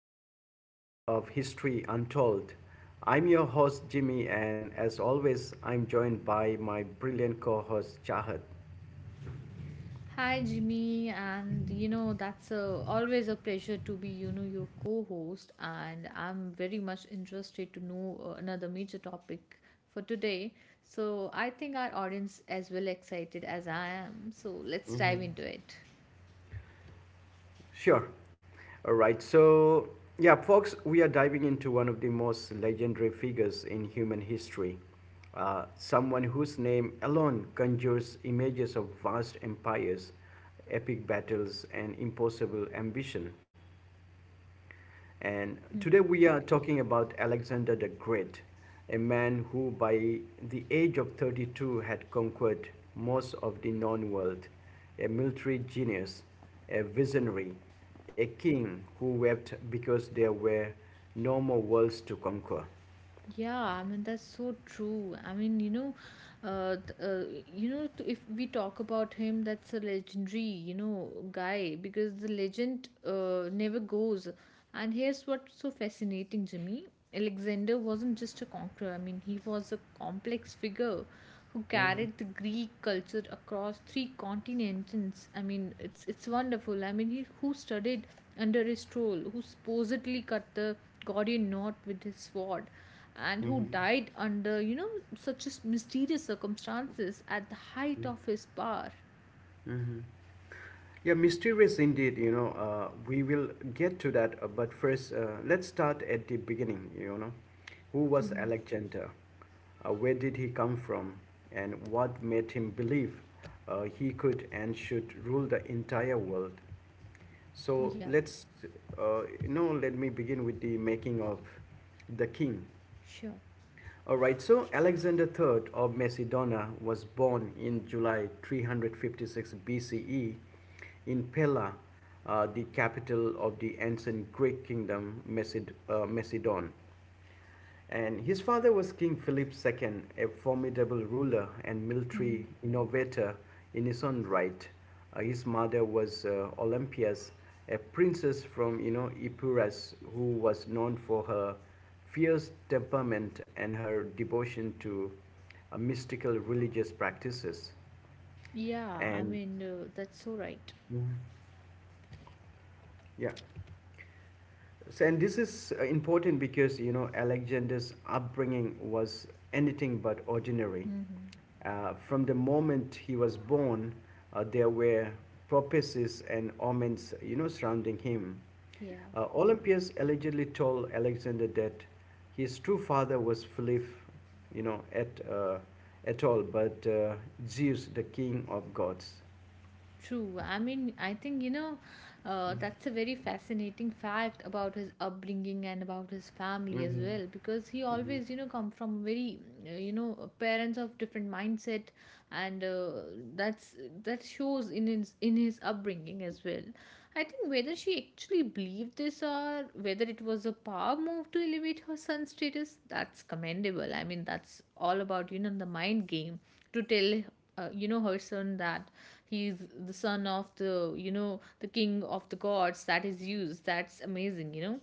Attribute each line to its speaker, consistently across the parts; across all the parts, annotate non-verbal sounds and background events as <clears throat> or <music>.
Speaker 1: another episode of History Untold. I'm your host, Jimmy, and as always, I'm joined by my brilliant co host, Chahat.
Speaker 2: Hi Jimmy, and you know that's always a pleasure to be your co-host, and I'm very much interested to know another major topic for today. So I think our audience as well excited as I am. So let's dive into it.
Speaker 1: Sure. All right, so yeah, folks, we are diving into one of the most legendary figures in human history. Someone whose name alone conjures images of vast empires, epic battles, and impossible ambition. And today we are talking about Alexander the Great, a man who by the age of 32 had conquered most of the known world, a military genius, a visionary, a king who wept because there were no more worlds to conquer.
Speaker 2: Yeah, I mean that's so true. I mean, uh, th- uh, if we talk about him, that's a legendary, guy because the legend never goes. And here's what's so fascinating, Jimmy. Alexander wasn't just a conqueror. I mean, he was a complex figure who
Speaker 1: Mm-hmm.
Speaker 2: carried the Greek culture across three continents. I mean, it's wonderful. I mean, he who studied under his troll, who supposedly cut the Gordian knot with his sword and who
Speaker 1: Mm-hmm.
Speaker 2: died under, such as mysterious circumstances at the height of his power.
Speaker 1: Mhm. Yeah, mysterious indeed. We will get to that, but first, let's start at the beginning. You know, who was Alexander? Where did he come from? And what made him believe he could and should rule the entire world? So
Speaker 2: Yeah,
Speaker 1: you know, let me begin with the making of the king.
Speaker 2: sure.
Speaker 1: All right, so Alexander III of Macedonia was born in July 356 BCE in Pella, the capital of the ancient Greek kingdom Macedon. And his father was King Philip II, a formidable ruler and military innovator in his own right. His mother was Olympias, a princess from you know Epirus, who was known for her fierce temperament and her devotion to mystical religious practices.
Speaker 2: Yeah, I
Speaker 1: And
Speaker 2: mean, that's so right.
Speaker 1: Mhm. Yeah, so, and this is important because you know Alexander's upbringing was anything but ordinary.
Speaker 2: Mm.
Speaker 1: From the moment he was born, there were prophecies and omens, you know, surrounding him.
Speaker 2: Yeah.
Speaker 1: Olympias allegedly told Alexander that his true father was Philip, you know, at uh, but Zeus, the king of gods.
Speaker 2: True. I mean, I think, that's a very fascinating fact about his upbringing and about his family as
Speaker 1: Mm-hmm.
Speaker 2: well, because he always, come from very, parents of different mindset, and that's that shows in his upbringing as well. I think whether she actually believed this or whether it was a power move to elevate her son's status, that's commendable. I mean, that's all about, the mind game to tell her son that he's the son of the you know the king of the gods that is used. That's amazing.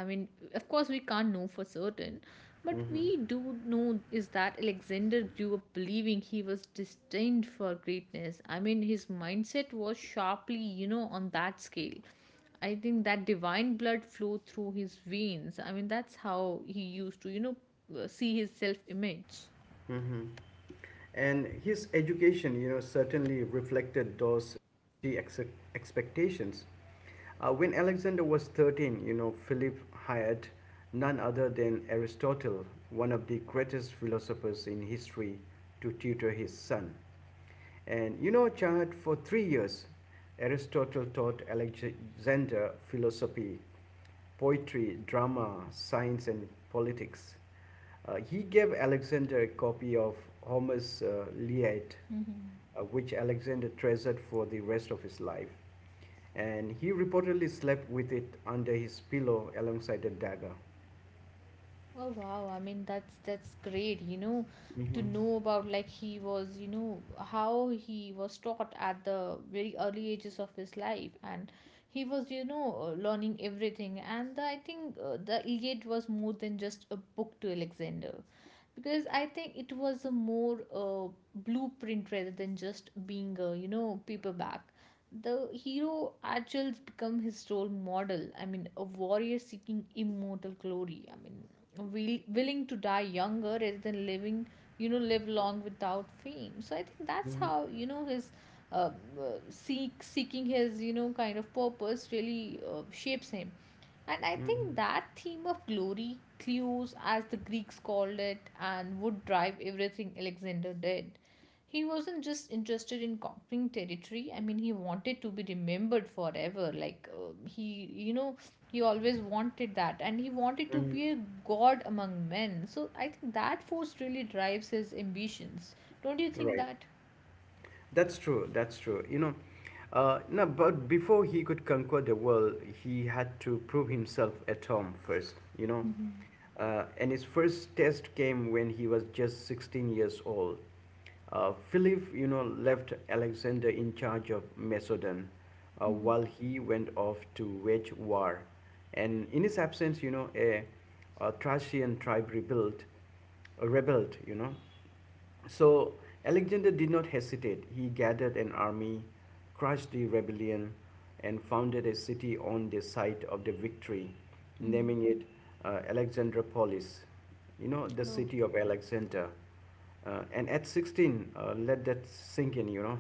Speaker 2: I mean, of course we can't know for certain, but we do know is that Alexander grew up believing he was destined for greatness. I mean, his mindset was sharply on that scale. I think that divine blood flowed through his veins. I mean, that's how he used to see his self image
Speaker 1: Mm-hmm. And his education, you know, certainly reflected those expectations. When Alexander was 13, you know, Philip hired none other than Aristotle, one of the greatest philosophers in history, to tutor his son. And you know, Chahat, for 3 years, Aristotle taught Alexander philosophy, poetry, drama, science, and politics. He gave Alexander a copy of Homer's Iliad,
Speaker 2: Mm-hmm.
Speaker 1: which Alexander treasured for the rest of his life, and he reportedly slept with it under his pillow alongside a dagger.
Speaker 2: Oh wow, I mean that's great, to
Speaker 1: Hmm.
Speaker 2: know about like he was, how he was taught at the very early ages of his life, and he was, learning everything and I think the Iliad was more than just a book to Alexander because I think it was a more blueprint rather than just being a, paperback. The hero Achilles become his role model. I mean, a warrior seeking immortal glory. I mean, willing to die younger rather than living you know live long without fame. So I think that's how his uh, seeking his kind of purpose really shapes him. And I think
Speaker 1: Hmm.
Speaker 2: that theme of glory clues, as the Greeks called it, and would drive everything Alexander did. He wasn't just interested in conquering territory. I mean, he wanted to be remembered forever, like he you know he always wanted that, and he wanted to
Speaker 1: Hmm.
Speaker 2: be a god among men. So I think that force really drives his ambitions. Don't you think
Speaker 1: Right.
Speaker 2: that?
Speaker 1: That's true. That's true. No, but before he could conquer the world, he had to prove himself at home first, you know. And his first test came when he was just 16 years old. Philip, you know, left Alexander in charge of Macedon while he went off to wage war. And in his absence, a Thracian tribe rebelled, you know. So Alexander did not hesitate. He gathered an army, crushed the rebellion, and founded a city on the site of the victory,
Speaker 2: Mhm.
Speaker 1: naming it Alexandropolis, you know, the
Speaker 2: Oh,
Speaker 1: city of Alexander. And at 16, let that sink in, you know.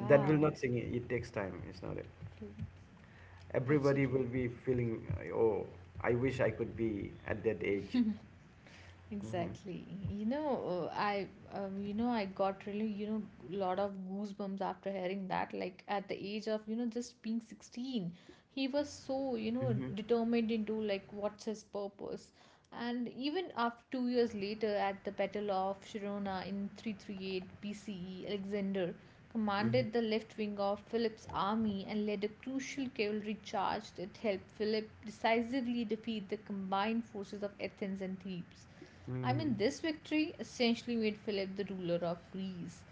Speaker 1: That will not sink in, it takes time, it's not it.
Speaker 2: True. That's so
Speaker 1: Everybody
Speaker 2: true.
Speaker 1: will be feeling, oh, I wish I could be at that age.
Speaker 2: <laughs>
Speaker 1: Mm-hmm.
Speaker 2: Exactly. I got really, lot of goosebumps after hearing that. Like at the age of, just being 16, he was so,
Speaker 1: Mm-hmm.
Speaker 2: determined into like what's his purpose. And even after 2 years later, at the Battle of Sharona in 338 BCE, Alexander commanded the left wing of Philip's army and led a crucial cavalry charge that helped Philip decisively defeat the combined forces of Athens and Thebes. I
Speaker 1: Mm-hmm.
Speaker 2: mean, this victory essentially made Philip the ruler of Greece.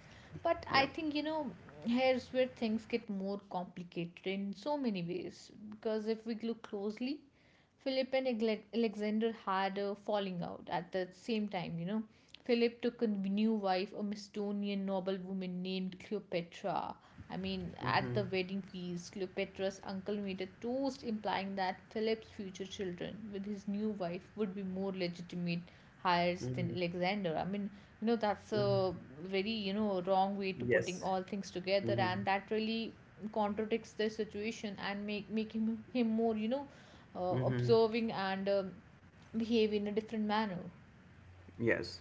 Speaker 2: But I
Speaker 1: Yeah.
Speaker 2: think, here's where things get more complicated in so many ways. Because if we look closely, Philip and Alexander had a falling out at the same time, Philip took a new wife, a Macedonian noble woman named Cleopatra. I mean, at the
Speaker 1: Mm-hmm.
Speaker 2: wedding feast, Cleopatra's uncle made a toast implying that Philip's future children with his new wife would be more legitimate heirs than
Speaker 1: Mm-hmm.
Speaker 2: Alexander. I mean, that's
Speaker 1: Mhm.
Speaker 2: a very, wrong way to putting
Speaker 1: Yes.
Speaker 2: all things together,
Speaker 1: Mhm.
Speaker 2: and that really contradicts the situation and make him more,
Speaker 1: Mm-hmm.
Speaker 2: observing and behave in a different manner.
Speaker 1: Yes.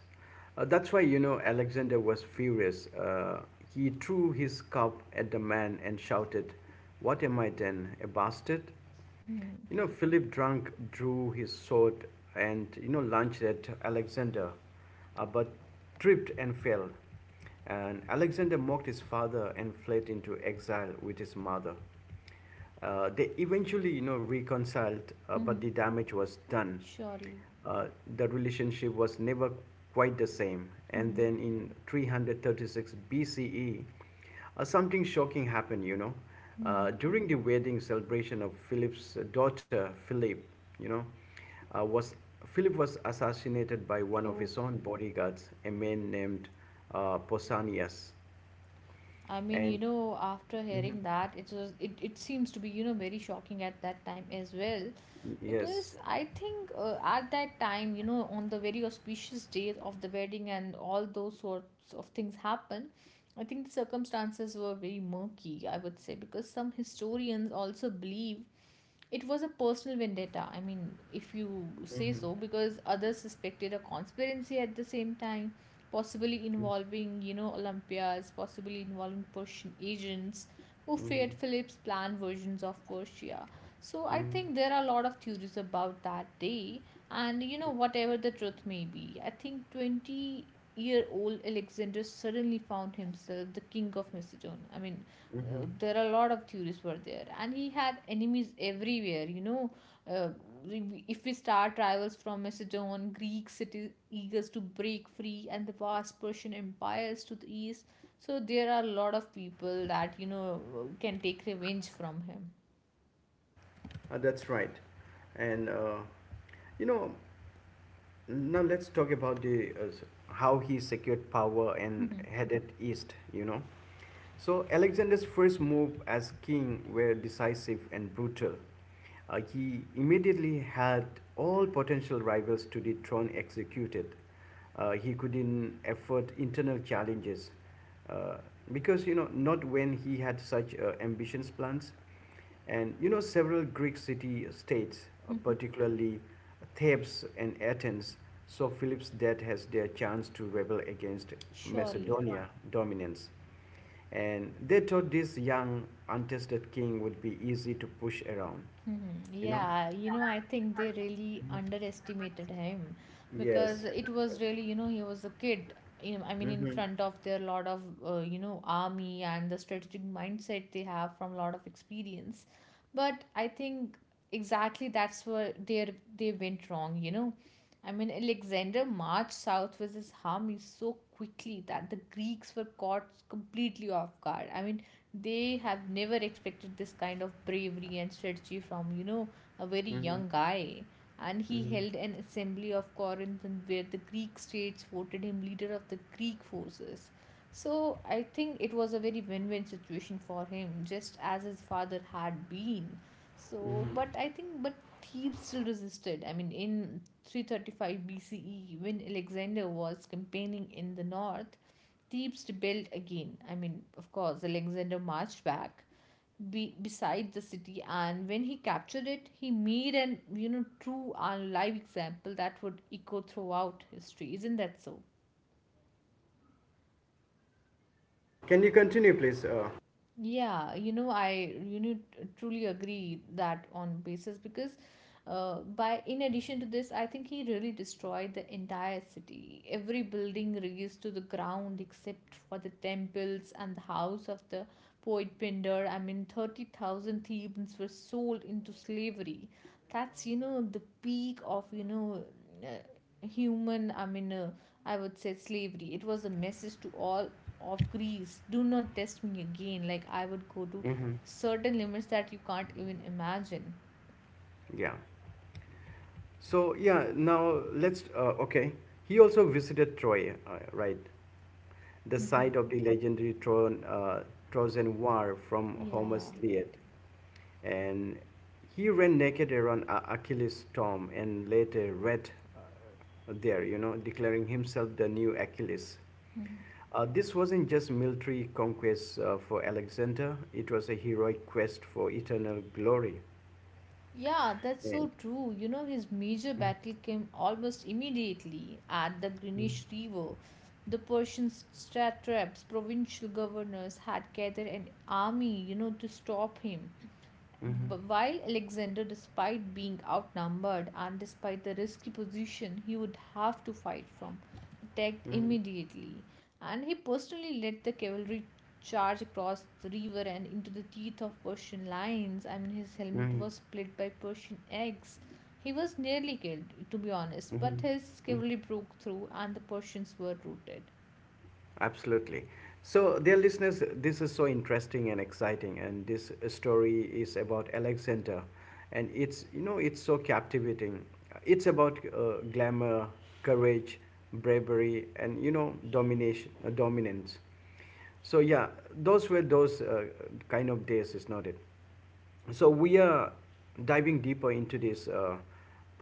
Speaker 1: That's why, you know, Alexander was furious. He threw his cup at the man and shouted, what am I then, a bastard?
Speaker 2: Mm-hmm.
Speaker 1: You know, Philip drunk drew his sword and, you know, lunged at Alexander, but tripped and fell. And Alexander mocked his father and fled into exile with his mother. They eventually, you know, reconciled, but
Speaker 2: Mm-hmm.
Speaker 1: the damage was done.
Speaker 2: Surely.
Speaker 1: Uh, the relationship was never quite the same. And
Speaker 2: Mm-hmm.
Speaker 1: then in 336 BCE, something shocking happened, you know.
Speaker 2: Mm-hmm.
Speaker 1: During the wedding celebration of Philip's daughter, you know, uh, was Philip was assassinated by one of
Speaker 2: Oh,
Speaker 1: his own bodyguards, a man named Pausanias.
Speaker 2: I mean,
Speaker 1: And
Speaker 2: after hearing that, it seems to be, very shocking at that time as well.
Speaker 1: yes.
Speaker 2: Because I think at that time, on the very auspicious day of the wedding and all those sorts of things happen, I think the circumstances were very murky, I would say, because some historians also believe it was a personal vendetta. I mean, if you say
Speaker 1: Hmm.
Speaker 2: so, because others suspected a conspiracy at the same time, possibly involving, Olympias, possibly involving Persian agents who feared
Speaker 1: Hmm.
Speaker 2: Philip's planned versions of Persia. So I
Speaker 1: Mm,
Speaker 2: think there are a lot of theories about that day, and whatever the truth may be, I think 20-year-old Alexander suddenly found himself the king of Macedonia. I mean, there are a lot of theorists were there, and he had enemies everywhere. Uh, if we start rivals from Macedon, Greek cities eagers to break free, and the vast Persian empires to the east, so there are a lot of people that can take revenge from him.
Speaker 1: that's right. And you know, now let's talk about how he secured power and headed east, you know. So Alexander's first move as king were decisive and brutal. He immediately had all potential rivals to the throne executed. He couldn't afford internal challenges uh, because you know not when he had such ambitious plans. And you know, several Greek city states, particularly Thebes and Athens, saw Philip's death as their chance to rebel against
Speaker 2: <laughs> Surely.
Speaker 1: Macedonia dominance. And they thought this young, untested king would be easy to push around.
Speaker 2: Hmm.
Speaker 1: You know?
Speaker 2: Yeah, I think they really underestimated him because
Speaker 1: Yes.
Speaker 2: it was really, he was a kid. I mean, in front of their lot of, army and the strategic mindset they have from lot of experience. But I think exactly that's where they went wrong. I mean, Alexander marched south with his army so quickly that the Greeks were caught completely off guard. I mean, they have never expected this kind of bravery and strategy from, a very
Speaker 1: Hmm.
Speaker 2: young guy. And he
Speaker 1: Hmm.
Speaker 2: held an assembly of Corinth, and where the Greek states voted him leader of the Greek forces. So I think it was a very win win situation for him, just as his father had been. So, but Thebes still resisted. I mean, in 335 BCE, when Alexander was campaigning in the north, Thebes rebuilt again. I mean, of course, Alexander marched back beside the city, and when he captured it, he made an true and live example that would echo throughout history. Isn't that so?
Speaker 1: Can you continue, please?
Speaker 2: Yeah, I truly agree that on basis because by in addition to this, I think he really destroyed the entire city. Every building razed to the ground except for the temples and the house of the poet Pindar. I mean, 30,000 Thebans were sold into slavery. That's, the peak of, uh, human. I mean, I would say slavery. It was a message to all of Greece: do not test me again, like I would go to
Speaker 1: Mm-hmm.
Speaker 2: certain limits that you can't even imagine.
Speaker 1: Yeah. So yeah, now, he also visited Troy, right? The site of the legendary Trojan War from
Speaker 2: Yeah,
Speaker 1: Homer's Iliad. And he ran naked around Achilles' tomb and later read there, you know, declaring himself the new Achilles. This wasn't just military conquest for Alexander, it was a heroic quest for eternal glory.
Speaker 2: yeah, that's so
Speaker 1: And,
Speaker 2: true. His major battle came almost immediately at the Greenish River. The Persian satraps, provincial governors, had gathered an army to stop him.
Speaker 1: Mhm,
Speaker 2: But while Alexander, despite being outnumbered and despite the risky position he would have to fight from, attacked
Speaker 1: mhm, mhm,
Speaker 2: immediately, and he personally led the cavalry charge across the river and into the teeth of Persian lions. I mean, his helmet
Speaker 1: mhm,
Speaker 2: was split by Persian eggs. He was nearly killed, to be honest, but
Speaker 1: mhm,
Speaker 2: his
Speaker 1: mhm.
Speaker 2: cavalry broke through and the Persians were routed.
Speaker 1: Absolutely. So, dear listeners, this is so interesting and exciting, and this story is about Alexander, and it's you know it's so captivating. It's about glamour, courage, bravery, and you know domination, dominance. So yeah, those were those kind of days, is not it? So we are diving deeper into this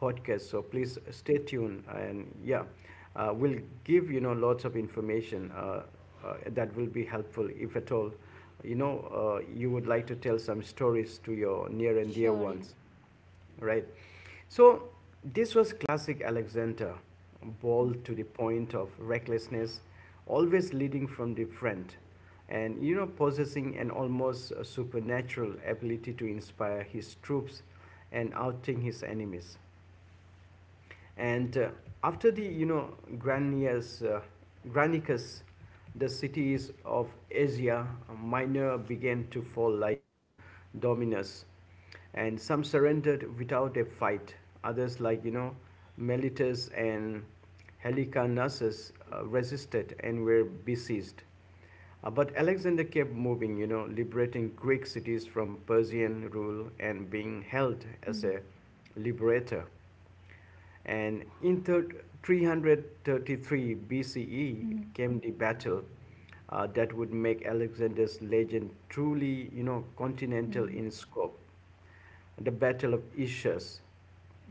Speaker 1: podcast. So please stay tuned, and yeah, we'll give you know lots of information that will be helpful if at all. You would like to tell some stories to your near and dear
Speaker 2: Surely.
Speaker 1: ones right? So this was classic Alexander, bold to the point of recklessness, always leading from the front, and you know possessing an almost supernatural ability to inspire his troops and outing his enemies. And after the you know Granicus, the cities of Asia Minor began to fall like you know Dominus, and some surrendered without a fight. Others like you know Miletus and Helicarnassus resisted and were besieged. But Alexander kept moving, you know, liberating Greek cities from Persian rule and being held as a liberator. And in 333 BCE came the battle that would make Alexander's legend truly, you know, continental in
Speaker 2: <laughs>
Speaker 1: scope. The Battle of Issus.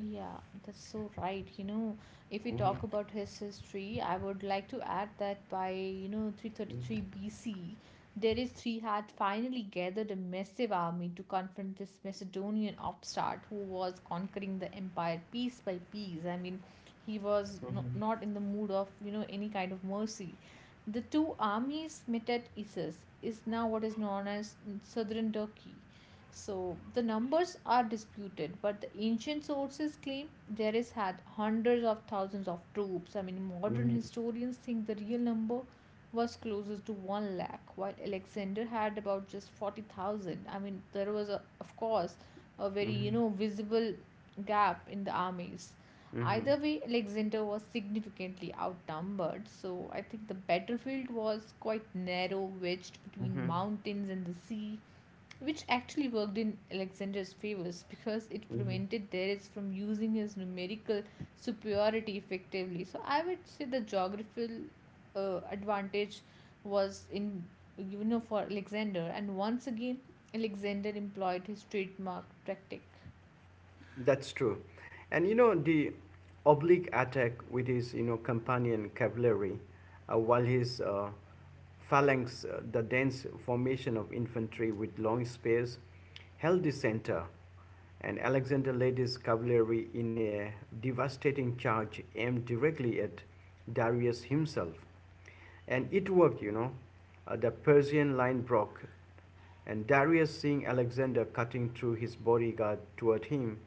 Speaker 2: Yeah, that's so right. If we
Speaker 1: Mhm,
Speaker 2: talk about his history, I would like to add that by, 333
Speaker 1: mhm,
Speaker 2: BC, Darius III had finally gathered a massive army to confront this Macedonian upstart who was conquering the empire piece by piece. I mean, he was
Speaker 1: mhm,
Speaker 2: not in the mood of, any kind of mercy. The two armies met at Issus, is now what is known as southern Turkey. So the numbers are disputed, but the ancient sources claim there is had hundreds of thousands of troops. I mean, modern
Speaker 1: mhm,
Speaker 2: historians think the real number was closest to 1 lakh, while Alexander had about just 40,000. I mean, there was, of course, a very, visible gap in the armies.
Speaker 1: mhm,
Speaker 2: Either
Speaker 1: mhm,
Speaker 2: way, Alexander was significantly outnumbered, so I think the battlefield was quite narrow, wedged between
Speaker 1: mhm,
Speaker 2: mountains and the sea, which actually worked in Alexander's favors because it
Speaker 1: mhm.
Speaker 2: prevented Darius from using his numerical superiority effectively. So I would say the geographical advantage was in you know for Alexander, and once again Alexander employed his trademark tactic.
Speaker 1: That's true. And you know, the oblique attack with his, you know, companion cavalry, while his phalanx, the dense formation of infantry with long spears, held the center. And Alexander led his cavalry in a devastating charge aimed directly at Darius himself. And it worked, you know. The Persian line broke, and Darius, seeing Alexander cutting through his bodyguard toward him,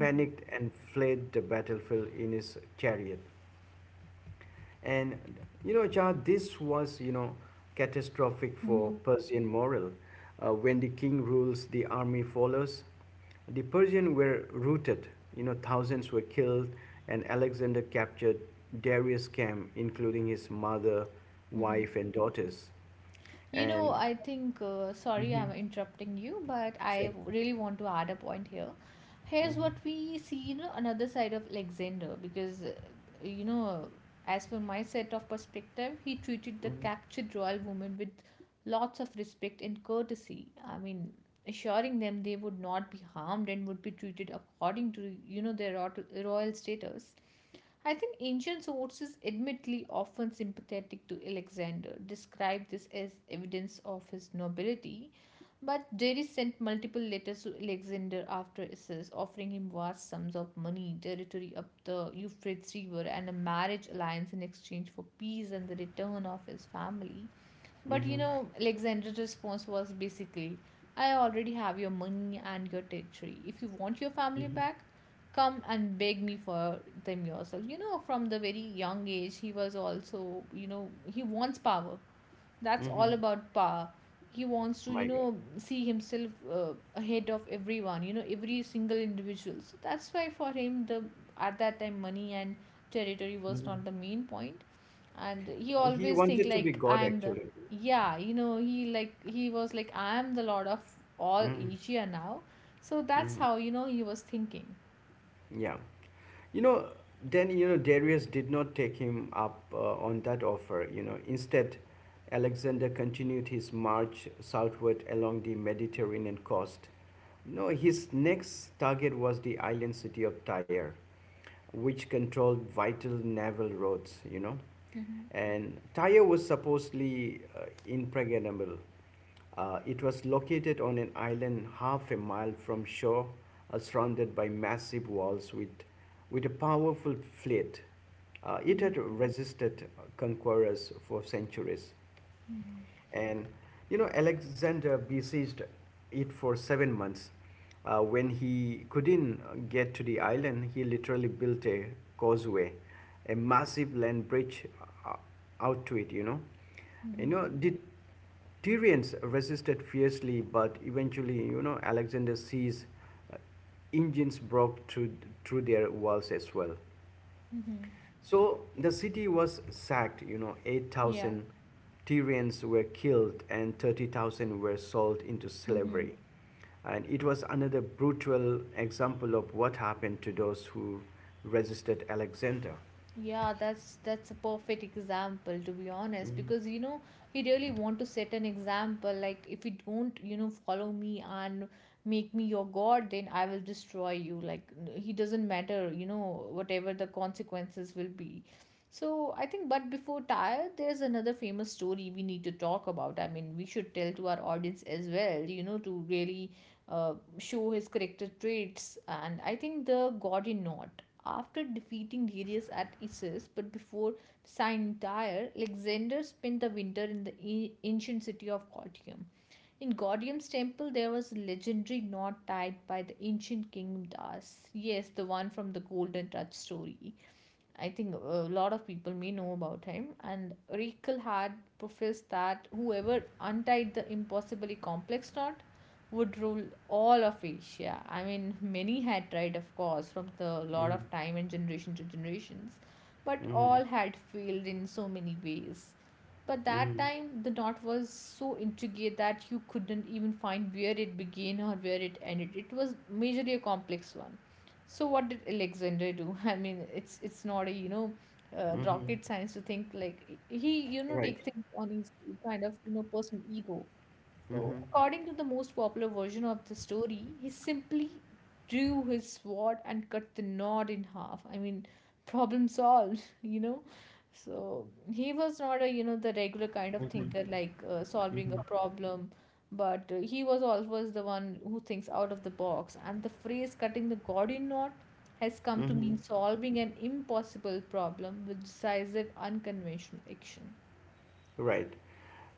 Speaker 2: Mm-hmm.
Speaker 1: and fled the battlefield in his chariot. And you know, Jah, this was you know catastrophic for
Speaker 2: Mm-hmm.
Speaker 1: Persian morale. When the king rules, the army follows. The Persians were routed. You know, thousands were killed, and Alexander captured Darius' camp, including his mother,
Speaker 2: Mm-hmm.
Speaker 1: wife, and daughters. And
Speaker 2: I think, sorry, I'm interrupting you, but I
Speaker 1: sure.
Speaker 2: really want to add a point here. Here's
Speaker 1: Mhm.
Speaker 2: what we see, another side of Alexander, because, you know, as per my set of perspective, he treated the
Speaker 1: Mhm.
Speaker 2: captured royal women with lots of respect and courtesy. I mean, assuring them they would not be harmed and would be treated according to, their royal status. I think ancient sources, admittedly often sympathetic to Alexander, describe this as evidence of his nobility. But Darius sent multiple letters to Alexander after Issus, offering him vast sums of money, territory up the Euphrates River, and a marriage alliance in exchange for peace and the return of his family. But
Speaker 1: Mm-hmm.
Speaker 2: Alexander's response was basically, I already have your money and your territory. If you want your family
Speaker 1: Mm-hmm.
Speaker 2: back, come and beg me for them yourself. You know, from the very young age, he was also, he wants power. That's all
Speaker 1: Mm-hmm.
Speaker 2: about power. He wants to
Speaker 1: My God.
Speaker 2: see himself ahead of everyone, every single individual. So that's why for him, the at that time money and territory was
Speaker 1: Mm-hmm.
Speaker 2: not the main point. And he
Speaker 1: He
Speaker 2: always think
Speaker 1: wanted to be
Speaker 2: like,
Speaker 1: God,
Speaker 2: I am the,
Speaker 1: actually.
Speaker 2: yeah, he like he was like, I am the lord of all
Speaker 1: Mm-hmm.
Speaker 2: Asia now. So that's how he was thinking.
Speaker 1: Yeah. You know, then, you know, Darius did not take him up on that offer. You know, instead, Alexander continued his march southward along the Mediterranean coast. No, his next target was the island city of Tyre, which controlled vital naval roads, you know.
Speaker 2: Mm-hmm,
Speaker 1: And Tyre was supposedly impregnable. It was located on an island half a mile from shore, surrounded by massive walls with a powerful fleet. It
Speaker 2: mm-hmm,
Speaker 1: had resisted conquerors for centuries. And you know, Alexander besieged it for 7 months. When he couldn't get to the island, he literally built a causeway, a massive land bridge uh, out to it, you know. You
Speaker 2: mm-hmm,
Speaker 1: know, the Tyrians resisted fiercely, but eventually, you know, Alexander sees uh, engines broke through their walls as well.
Speaker 2: mm-hmm,
Speaker 1: So the city was sacked, you know,
Speaker 2: yeah,
Speaker 1: 8,000 Tyrians were killed and 30,000 were sold into
Speaker 2: mm-hmm.
Speaker 1: slavery. And it was another brutal example of what happened to those who resisted Alexander.
Speaker 2: Yeah, that's a perfect example, to be honest, because he really want to set an example, like if you don't follow me and make me your god, then I will destroy you like he doesn't matter, whatever the consequences will be. So I think, but before Tyre, there's another famous story we need to talk about. I mean, we should tell to our audience as well, to really show his character traits, and I think the god in not. After defeating Darius at Issus, but before signing Tyre, Alexander spent the winter in the ancient city of Gordium. In Gordium's temple, there was a legendary knot tied by the ancient king Das. Yes, the one from the Golden Touch story. I think a lot of people may know about him. And Rikel had professed that whoever untied the impossibly complex knot would rule all of Asia. I mean, many had tried, of course, from the lot
Speaker 1: Mhm,
Speaker 2: of time and generation to generations, but
Speaker 1: mhm,
Speaker 2: all had failed in so many ways. But that
Speaker 1: mhm,
Speaker 2: time, the knot was so intricate that you couldn't even find where it began or where it ended. It was majorly a complex one. So what did Alexander do? <laughs> I mean, it's it's not a
Speaker 1: mhm.
Speaker 2: rocket science to think, like, he
Speaker 1: Right.
Speaker 2: takes things on his kind of personal ego. So,
Speaker 1: Hmm.
Speaker 2: according to the most popular version of the story, he simply drew his sword and cut the knot in half. I mean, problem solved, <laughs> . So, he was not a, the regular kind of thinker, like solving a
Speaker 1: Hmm.
Speaker 2: problem, but he was always the one who thinks out of the box. And the phrase cutting the Gordian knot has come to
Speaker 1: Hmm.
Speaker 2: mean solving an impossible problem with decisive, unconventional action.
Speaker 1: Right.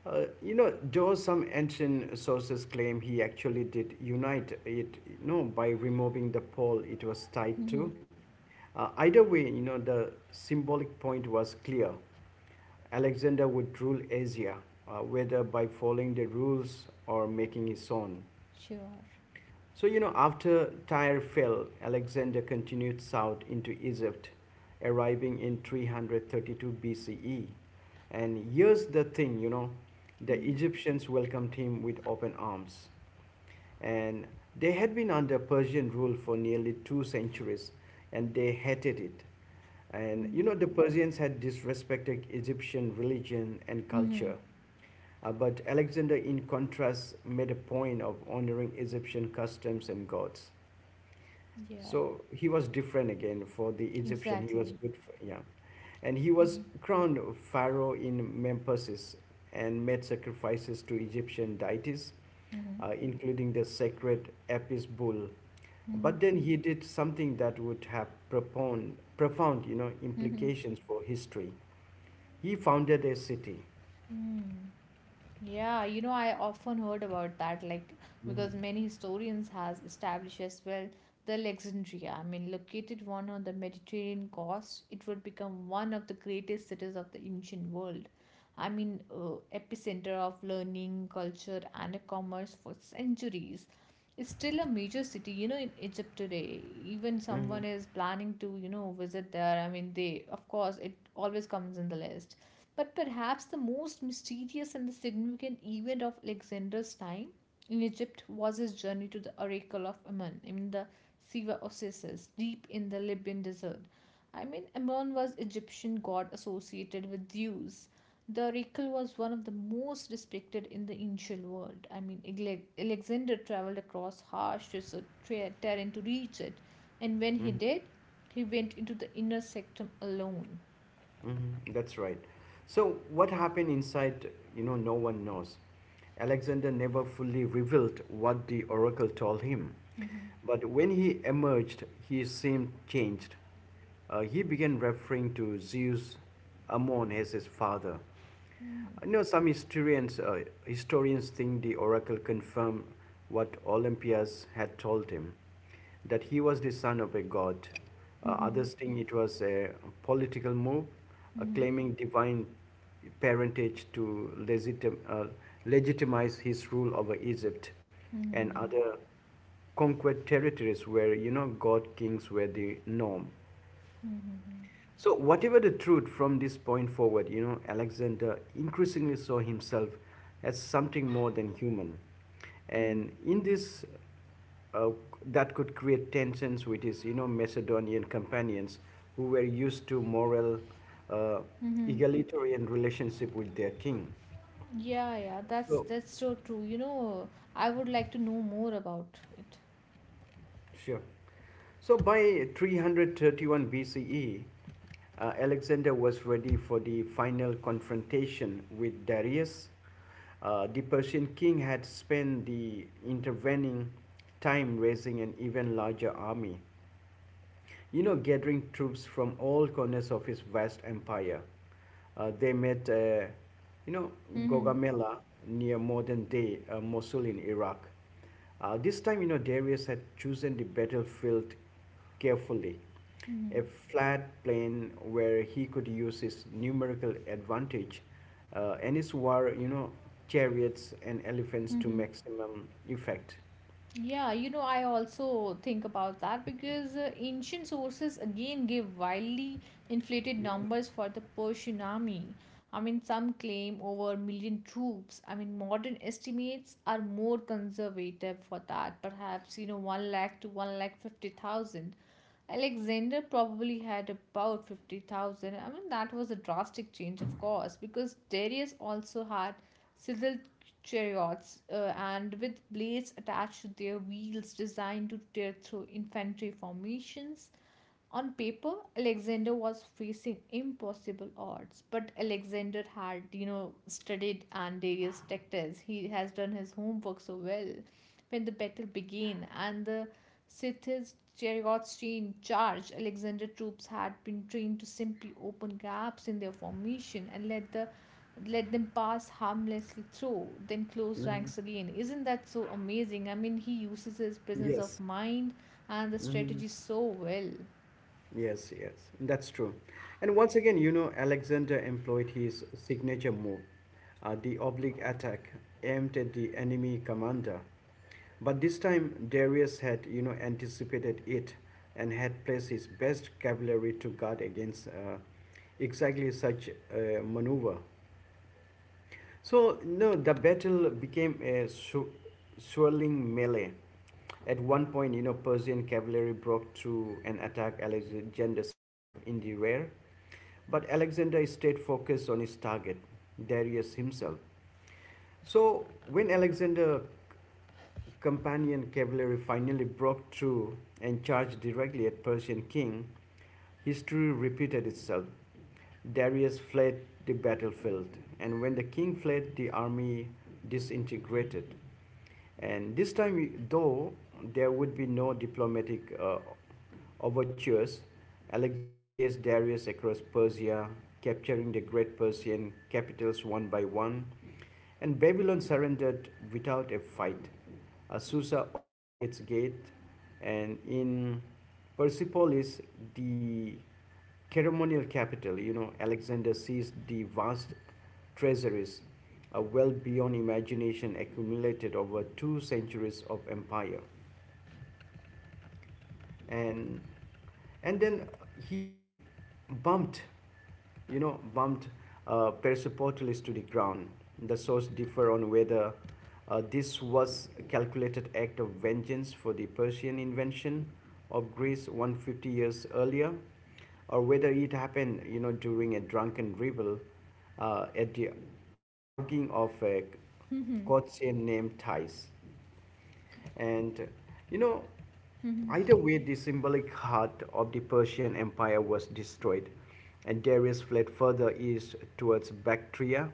Speaker 1: You know, though some ancient sources claim he actually did unite it, you know, by removing the pole it was tied
Speaker 2: Hmm.
Speaker 1: to. Either way, you know, the symbolic point was clear. Alexander would rule Asia, whether by following the rules or making his own.
Speaker 2: Sure.
Speaker 1: So, you know, after Tyre fell, Alexander continued south into Egypt, arriving in 332 BCE. And here's the thing, you know, the Egyptians welcomed him with open arms. And they had been under Persian rule for nearly 2 centuries and they hated it. And you know, the Persians had disrespected Egyptian religion and
Speaker 2: Hmm.
Speaker 1: culture. But Alexander, in contrast, made a point of honoring Egyptian customs and gods.
Speaker 2: Yeah,
Speaker 1: So he was different again for the Egyptian. He was
Speaker 2: exactly.
Speaker 1: good, for, yeah, and he was
Speaker 2: Mm-hmm.
Speaker 1: crowned pharaoh in Memphis and made sacrifices to Egyptian deities,
Speaker 2: Mm-hmm.
Speaker 1: including the sacred Apis bull.
Speaker 2: Mm-hmm.
Speaker 1: But then he did something that would have profound,
Speaker 2: Mm-hmm. Mm-hmm.
Speaker 1: implications for history. He founded a city.
Speaker 2: Mm-hmm. Yeah, I often heard about that, like,
Speaker 1: Mhm,
Speaker 2: because many historians has established as well the Alexandria. I mean, located one on the Mediterranean coast, it would become one of the greatest cities of the ancient world. I mean, epicenter of learning, culture, and commerce for centuries. It's still a major city, in Egypt today. Even
Speaker 1: mhm,
Speaker 2: someone is planning to, visit there. I mean, they, of course, it always comes in the list. But perhaps the most mysterious and the significant event of Alexander's time in Egypt was his journey to the Oracle of Ammon, I mean the Siva Oasis, deep in the Libyan desert. I mean, Ammon was Egyptian god associated with Zeus. The oracle was one of the most respected in the ancient world. I mean, Alexander traveled across harsh desert terrain to reach it, and when he did, he went into the inner sanctum alone.
Speaker 1: Mm-hmm. That's right. So what happened inside, you know, no one knows. Alexander never fully revealed what the oracle told him.
Speaker 2: Mm-hmm.
Speaker 1: But when he emerged, he seemed changed. He began referring to Zeus Ammon as his father. You know, some historians, historians think the oracle confirmed what Olympias had told him, that he was the son of a god.
Speaker 2: Mm-hmm.
Speaker 1: Others think it was a political move,
Speaker 2: Mm-hmm.
Speaker 1: claiming divine parentage to legitimize his rule over Egypt and
Speaker 2: Mm-hmm.
Speaker 1: other conquered territories where, you know, god kings were the norm.
Speaker 2: Mm-hmm. Mm-hmm.
Speaker 1: So, whatever the truth from this point forward, you know, Alexander increasingly saw himself as something more than human.
Speaker 2: Mm-hmm.
Speaker 1: And in this, uh, that could create tensions with his, you know, Macedonian companions who were used to moral, uh,
Speaker 2: Mm-hmm. Mm-hmm. Mm-hmm.
Speaker 1: egalitarian relationship with their king.
Speaker 2: Mm-hmm. Mm-hmm. Mm-hmm. Mm-hmm. Mm-hmm. Mm-hmm. Yeah, yeah, that's
Speaker 1: So,
Speaker 2: that's so true. You know, I would like to know more about it.
Speaker 1: sure. So by 331 BCE, Alexander was ready for the final confrontation with Darius. The Persian king had spent the intervening time raising an even larger army, you know, gathering troops from all corners of his vast empire. They met, you know,
Speaker 2: Mm-hmm.
Speaker 1: Gaugamela near modern-day Mosul in Iraq. This time, you know, Darius had chosen the battlefield carefully,
Speaker 2: Mm-hmm.
Speaker 1: a flat plain where he could use his numerical advantage and his war, you know, chariots and elephants to
Speaker 2: Mm-hmm.
Speaker 1: maximum effect.
Speaker 2: Yeah, I also think about that because ancient sources again give wildly inflated numbers for the Persian army. I mean, some claim over a million troops. I mean, modern estimates are more conservative for that, perhaps, 1 lakh to 1 lakh 50,000. Alexander probably had about 50,000. I mean, that was a drastic change, of course, because Darius also had civil chariots and with blades attached to their wheels designed to tear through infantry formations. On paper, Alexander was facing impossible odds, but Alexander had, studied and various tactics. He has done his homework so well. When the battle began and the Scythians Cherigotshin charged, Alexander troops had been trained to simply open gaps in their formation and let them pass harmlessly through, then close
Speaker 1: Mhm.
Speaker 2: ranks again. Isn't that so amazing? I mean, he uses his presence of
Speaker 1: Yes.
Speaker 2: mind and the strategy so well.
Speaker 1: Yes, yes, that's true. And once again, you know, Alexander employed his signature move, the oblique attack aimed at the enemy commander. But this time, Darius had, you know, anticipated it and had placed his best cavalry to guard against exactly such a maneuver. So, no, the battle became a swirling melee. At one point, you know, Persian cavalry broke through and attacked Alexander's camp in the rear. But Alexander stayed focused on his target, Darius himself. So, when Alexander's companion cavalry finally broke through and charged directly at Persian king, history repeated itself. Darius fled the battlefield, and when the king fled, the army disintegrated. And this time, though, there would be no diplomatic overtures. Alexander chased Darius across Persia, capturing the great Persian capitals one by one, and Babylon surrendered without a fight. Susa opened its gate, and in Persepolis, the ceremonial capital, you know, Alexander seized the vast treasuries, well beyond imagination, accumulated over two centuries of empire. And and then he bumped, you know, bumped persepotalis to the ground. The sources differ on whether this was a calculated act of vengeance for the persian invention of greece 150 years earlier, or whether it happened, you know, during a drunken revel at the arguing of a
Speaker 2: Mhm.
Speaker 1: Gotian named Thais. And you know,
Speaker 2: Mhm.
Speaker 1: either way, the symbolic heart of the Persian Empire was destroyed, and Darius fled further east towards Bactria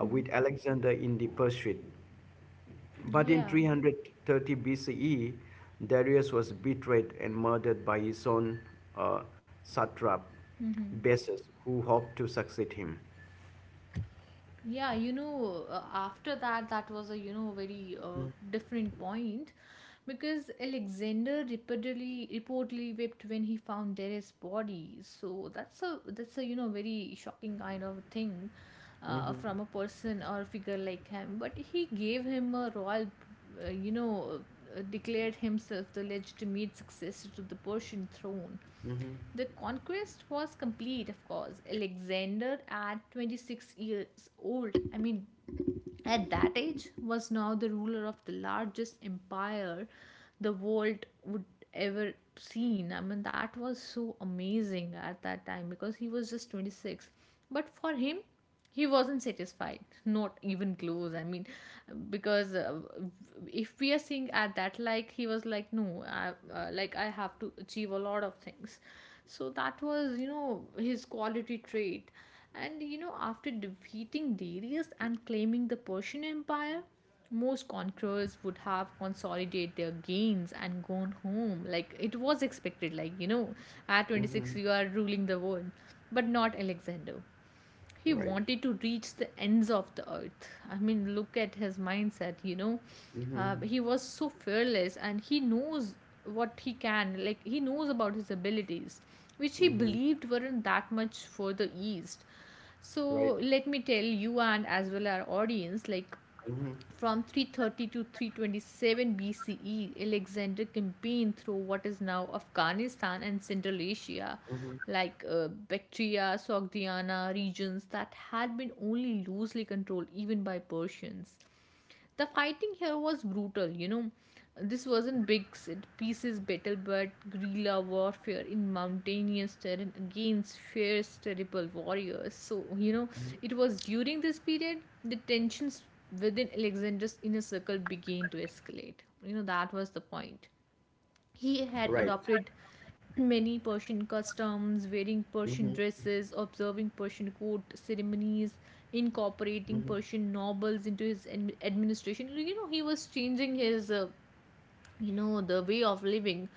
Speaker 1: with Alexander in the pursuit. But in
Speaker 2: Yeah.
Speaker 1: 330 BCE, Darius was betrayed and murdered by his own uh, satrap,
Speaker 2: Mhm.
Speaker 1: Bessus, who hoped to succeed him.
Speaker 2: Yeah, after that, that was a, very different point because Alexander reportedly wept when he found Darius' body. So that's a very shocking kind of thing from a person or figure like him. But he gave him a royal, uh, you know, declared himself the legitimate successor to the Persian throne.
Speaker 1: hmm
Speaker 2: The conquest was complete, of course. Alexander, at 26 years old, I mean, at that age was now the ruler of the largest empire the world would ever seen. I mean, that was so amazing at that time because he was just 26. But for him, he wasn't satisfied, not even close. I mean, because if we are seeing at that, like he was like, no, like, I have to achieve a lot of things. So that was, his quality trait. And you know, after defeating Darius and claiming the Persian Empire, most conquerors would have consolidated their gains and gone home. Like, it was expected, like, you know, at
Speaker 1: hmm
Speaker 2: 26 you are ruling the world, but not Alexander. He
Speaker 1: Right.
Speaker 2: wanted to reach the ends of the earth. I mean, look at his mindset, you know.
Speaker 1: hmm
Speaker 2: He was so fearless and he knows what he can, like, he knows about his abilities, which he
Speaker 1: hmm
Speaker 2: believed weren't that much further east. So,
Speaker 1: Right.
Speaker 2: let me tell you and as well our audience, like,
Speaker 1: hmm
Speaker 2: from 330 to 327 BCE, Alexander campaigned through what is now Afghanistan and Central Asia,
Speaker 1: hmm
Speaker 2: like Bactria, Sogdiana regions that had been only loosely controlled even by Persians. The fighting here was brutal, you know. This wasn't big set pieces battle but guerrilla warfare in mountainous terrain against fierce terrible warriors. So, you know, it was during this period the tensions within Alexander's inner circle began to escalate. You know, that was the point. He had
Speaker 1: Right.
Speaker 2: adopted many Persian customs, wearing
Speaker 1: Mm-hmm.
Speaker 2: Persian dresses, observing Persian court ceremonies,
Speaker 1: Mm-hmm.
Speaker 2: incorporating Persian nobles into his administration. You know, he was changing his the way of living.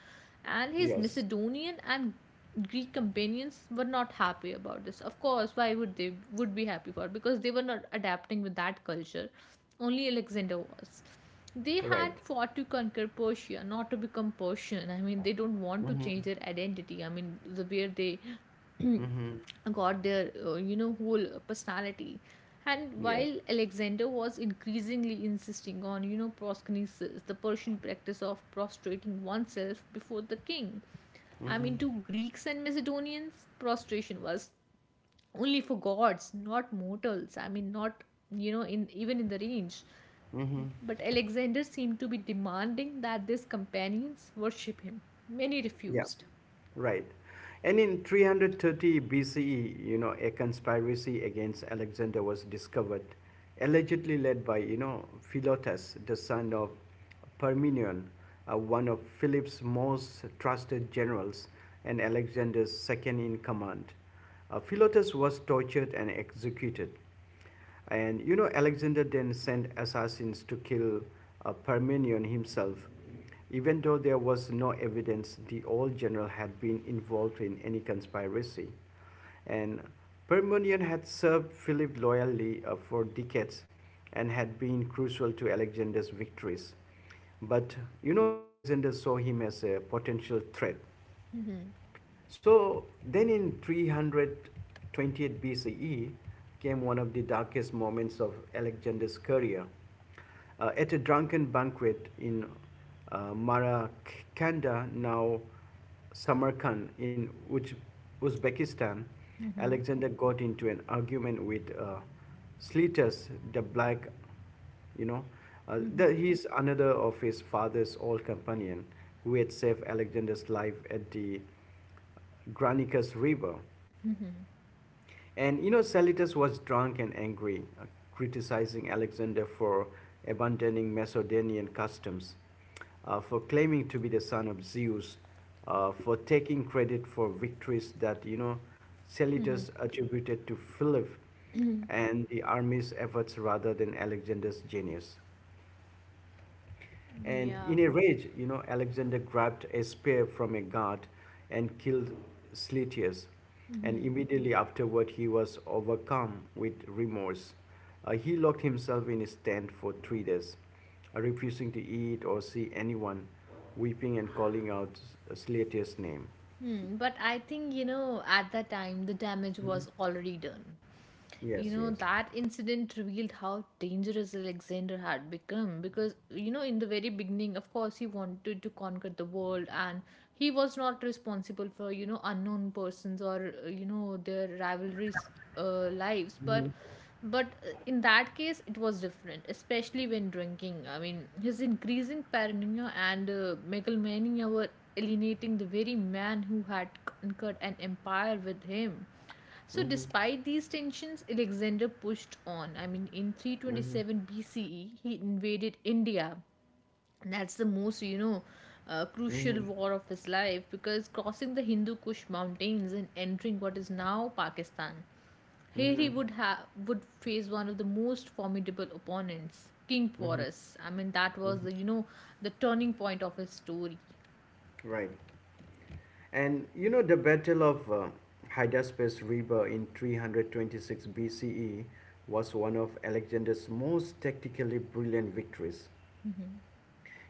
Speaker 2: And his
Speaker 1: Yes,
Speaker 2: Macedonian and Greek companions were not happy about this. Of course, why would they would be happy for? It? Because they were not adapting with that culture. Only Alexander was. They
Speaker 1: right.
Speaker 2: had fought to conquer Persia, not to become Persian. I mean, they don't want to
Speaker 1: Mm-hmm.
Speaker 2: change their identity. I mean, the where they <clears throat>
Speaker 1: Mm-hmm.
Speaker 2: got their whole personality. And
Speaker 1: Yes.
Speaker 2: while Alexander was increasingly insisting on, proskynesis, the Persian practice of prostrating oneself before the king, I mean, to Greeks and Macedonians, prostration was only for gods, not mortals. I mean, not in even in the range. But Alexander seemed to be demanding that his companions worship him. Many
Speaker 1: Yeah,
Speaker 2: refused.
Speaker 1: right. And in 330 BCE, you know, a conspiracy against Alexander was discovered, allegedly led by, you know, Philotas, the son of Parmenion, one of Philip's most trusted generals and Alexander's second in command. Philotas was tortured and executed. And you know, Alexander then sent assassins to kill Parmenion himself. Even though there was no evidence the old general had been involved in any conspiracy, and Parmenion had served Philip loyally for decades and had been crucial to Alexander's victories. But you know, Alexander saw him as a potential threat.
Speaker 2: Mhm.
Speaker 1: So then in 328 BCE came one of the darkest moments of Alexander's career. At a drunken banquet in Marakanda, now Samarkand, in Uzbekistan, Alexander got into an argument with Sletus the Black, you know, that he is another of his father's old companion who had saved Alexander's life at the Granicus River. And you know, Salitus was drunk and angry, criticizing Alexander for abandoning Macedonian customs, for claiming to be the son of Zeus, for taking credit for victories that, you know, Salitus attributed to Philip and the army's efforts rather than Alexander's genius. And
Speaker 2: Yeah.
Speaker 1: in a rage, you know, Alexander grabbed a spear from a guard and killed Sletius. And immediately afterward, he was overcome with remorse. He locked himself in his tent for three days, refusing to eat or see anyone, weeping and calling out Sletius' name.
Speaker 2: Hmm, but I think, at that time, the damage was already done.
Speaker 1: Yes,
Speaker 2: You
Speaker 1: yes.
Speaker 2: know, that incident revealed how dangerous Alexander had become because, in the very beginning, of course, he wanted to conquer the world and he was not responsible for, unknown persons or, their rivalries' lives. But in that case it was different, especially when drinking. I mean, his increasing paranoia and megalomania were alienating the very man who had conquered an empire with him. So
Speaker 1: Mm-hmm,
Speaker 2: despite these tensions, Alexander pushed on. I mean, in
Speaker 1: mm-hmm,
Speaker 2: 327 BCE he invaded India. That's the most,
Speaker 1: mm-hmm,
Speaker 2: crucial war of his life because crossing the Hindu Kush mountains and entering what is now Pakistan, here
Speaker 1: mm-hmm,
Speaker 2: he would face one of the most formidable opponents, King
Speaker 1: mm-hmm.
Speaker 2: Porus. I mean, that was the you
Speaker 1: mm-hmm.
Speaker 2: know the turning point of his story.
Speaker 1: Right. And you know, the Battle of Hydaspes River in 326 BCE was one of Alexander's most tactically brilliant victories.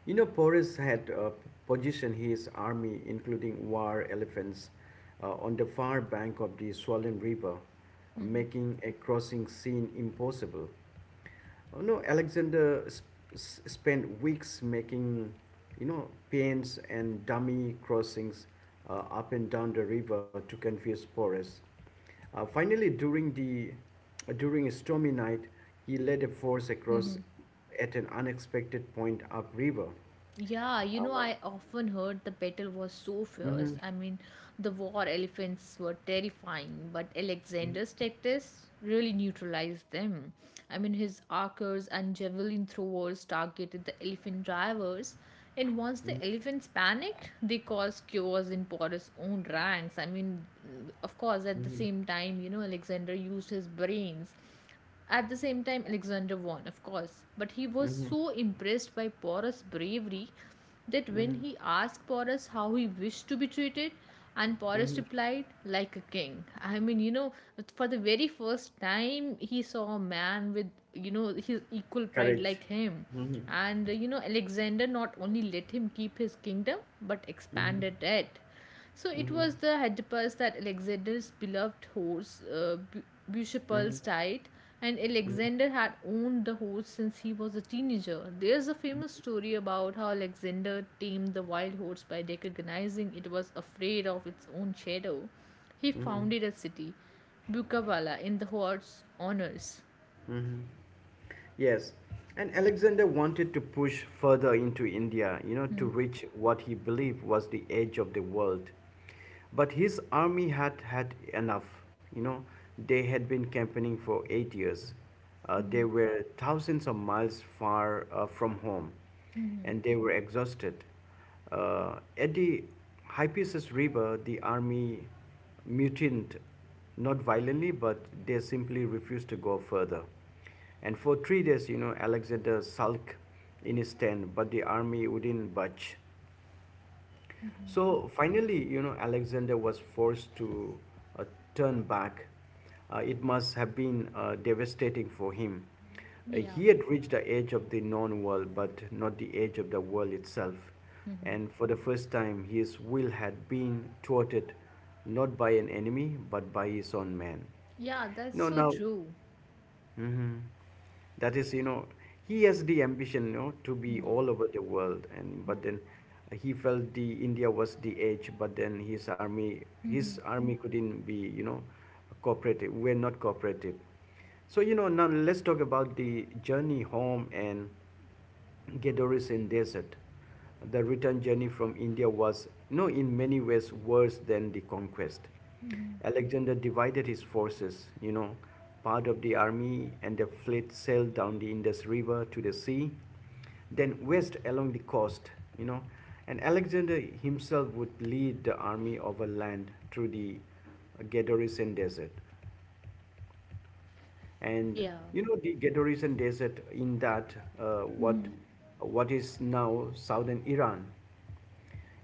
Speaker 1: You know, Porus had positioned his army, including war elephants, on the far bank of the swollen river, making a crossing scene impossible. Oh, no, Alexander spent weeks making, you know, paints and dummy crossings up and down the river to confuse Porus. Finally, during a stormy night, he led a force across at an unexpected point upriver.
Speaker 2: Yeah, you
Speaker 1: Uh,
Speaker 2: know, I often heard the battle was so fierce.
Speaker 1: mhm,
Speaker 2: The war elephants were terrifying, but
Speaker 1: mhm,
Speaker 2: Alexander's tactics really neutralized them. His archers and javelin throwers targeted the elephant drivers, and once the elephants panicked, they caused chaos in Porus' own ranks. Of course, at the
Speaker 1: mhm,
Speaker 2: same time, Alexander used his brains at the same time. Alexander won, of course, but he was
Speaker 1: mhm, mhm,
Speaker 2: so impressed by Porus' bravery that when
Speaker 1: mhm,
Speaker 2: he asked Porus how he wished to be treated, and Porus
Speaker 1: mhm.
Speaker 2: replied, like a king. For the very first time, he saw a man with, his equal pride like
Speaker 1: Courage.
Speaker 2: him.
Speaker 1: Mhm,
Speaker 2: And, Alexander not only let him keep his kingdom but
Speaker 1: mhm,
Speaker 2: expanded it. So it
Speaker 1: mhm,
Speaker 2: was the Hydipus that Alexander's beloved horse,
Speaker 1: mhm,
Speaker 2: Bucephalus, died, and
Speaker 1: mhm,
Speaker 2: Alexander had owned the horse since he was a teenager. There's a famous story about how Alexander tamed the wild horse by recognizing it was afraid of its own shadow. He
Speaker 1: mhm,
Speaker 2: founded a city, Bukavala, in the horse's honors.
Speaker 1: mhm. Yes, and Alexander wanted to push further into India, you know, to reach what he believed was the edge of the world. But his army had enough, you know, they had been campaigning for 8 years. They were thousands of miles far from home and they were exhausted. At the Hypasis River, the army mutinied, not violently, but they simply refused to go further. And for three days, you know, Alexander sulked in his tent, but the army wouldn't budge. So finally, you know, Alexander was forced to uh, turn back. It must have been devastating for him.
Speaker 2: Yeah.
Speaker 1: He had reached the edge of the known world, but not the edge of the world itself. And for the first time, his will had been thwarted not by an enemy, but by his own man.
Speaker 2: Yeah, that's
Speaker 1: No,
Speaker 2: so
Speaker 1: now.
Speaker 2: true.
Speaker 1: Mhm. That is, you know, he has the ambition, you know, to be
Speaker 2: Yeah.
Speaker 1: all over the world, and but then he felt the India was the edge, but then his army couldn't be, you know, cooperative. We're not cooperative. So you know, now let's talk about the journey home and Gedori's desert. The return journey from India was, no, in many ways worse than the conquest. Alexander divided his forces, you know, part of the army and the fleet sailed down the Indus River to the sea, then west along the coast, you know, and Alexander himself would lead the army overland through the Gedorian desert. And
Speaker 2: Yeah.
Speaker 1: you know, the Gadorean desert in that, uh, what what is now southern Iran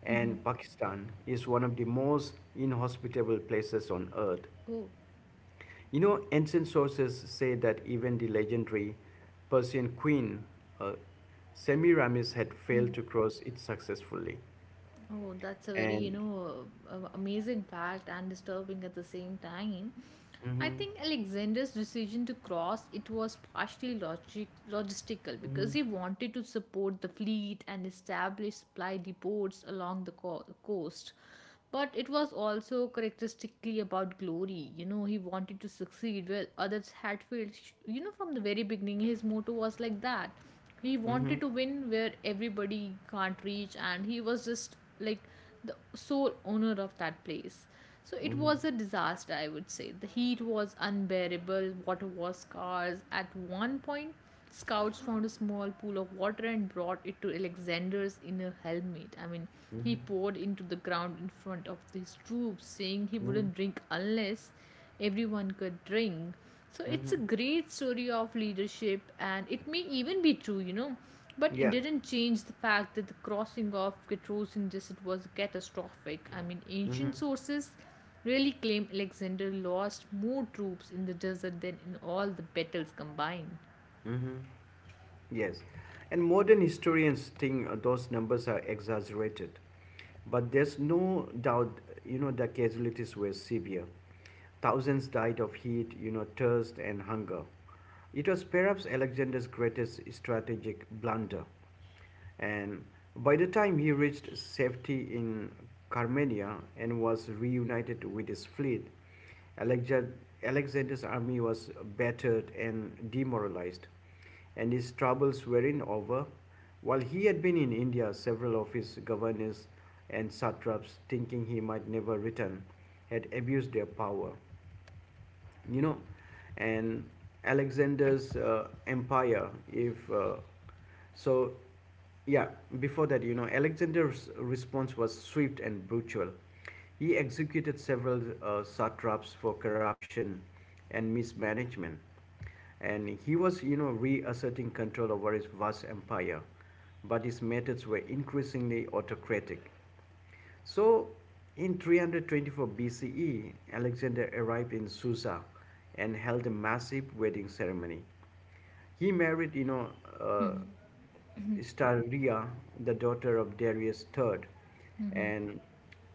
Speaker 1: and Pakistan, is one of the most inhospitable places on earth.
Speaker 2: Oh.
Speaker 1: You know, ancient sources say that even the legendary Persian queen uh, Semiramis had failed to cross it successfully.
Speaker 2: Oh, that's a very,
Speaker 1: And
Speaker 2: amazing fact and disturbing at the same time. I
Speaker 1: mhm,
Speaker 2: think Alexander's decision to cross it was partially logic logistical because
Speaker 1: mhm,
Speaker 2: he wanted to support the fleet and establish supply depots along the coast. But it was also characteristically about glory. You know, he wanted to succeed where others had failed. You know, from the very beginning, his motto was like that he
Speaker 1: mhm,
Speaker 2: wanted to win where everybody can't reach and he was just like the sole owner of that place. So it
Speaker 1: mhm,
Speaker 2: was a disaster, I would say. The heat was unbearable, water was scarce. At 1 point scouts found a small pool of water and brought it to Alexander's inner helmet. He
Speaker 1: mhm,
Speaker 2: poured into the ground in front of his troops saying he
Speaker 1: mhm,
Speaker 2: wouldn't drink unless everyone could drink. So it's a
Speaker 1: mhm,
Speaker 2: great story of leadership, and it may even be true, But it
Speaker 1: yeah,
Speaker 2: didn't change the fact that the crossing of Ketros in Desert was catastrophic.
Speaker 1: mhm,
Speaker 2: Ancient sources really claim Alexander lost more troops in the desert than in all the battles combined.
Speaker 1: mhm. Yes, and modern historians think those numbers are exaggerated, but there's no doubt, you know, the casualties were severe. Thousands died of heat, you know, thirst and hunger. It was perhaps Alexander's greatest strategic blunder. And by the time he reached safety in Carmenia and was reunited with his fleet, Alexander's army was battered and demoralized, and his troubles weren't over. While he had been in India, several of his governors and satraps, thinking he might never return, had abused their power, you know, and alexander's empire if so yeah before that you know Alexander's response was swift and brutal. He executed several satraps for corruption and mismanagement, and he was, you know, reasserting control over his vast empire. But his methods were increasingly autocratic. So, in 324 BCE, Alexander arrived in Susa and held a massive wedding ceremony. He married, uh, Staria, the daughter of Darius the Third, and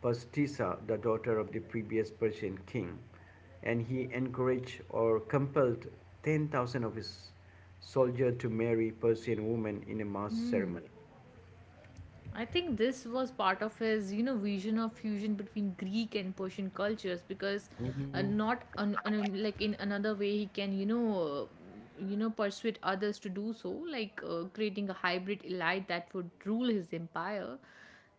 Speaker 1: Pastissa, the daughter of the previous Persian king. And he encouraged or compelled 10,000 of his soldiers to marry Persian women in a mass ceremony.
Speaker 2: I think this was part of his, vision of fusion between Greek and Persian cultures because not like in another way he can, persuade others to do so, like creating a hybrid elite that would rule his empire.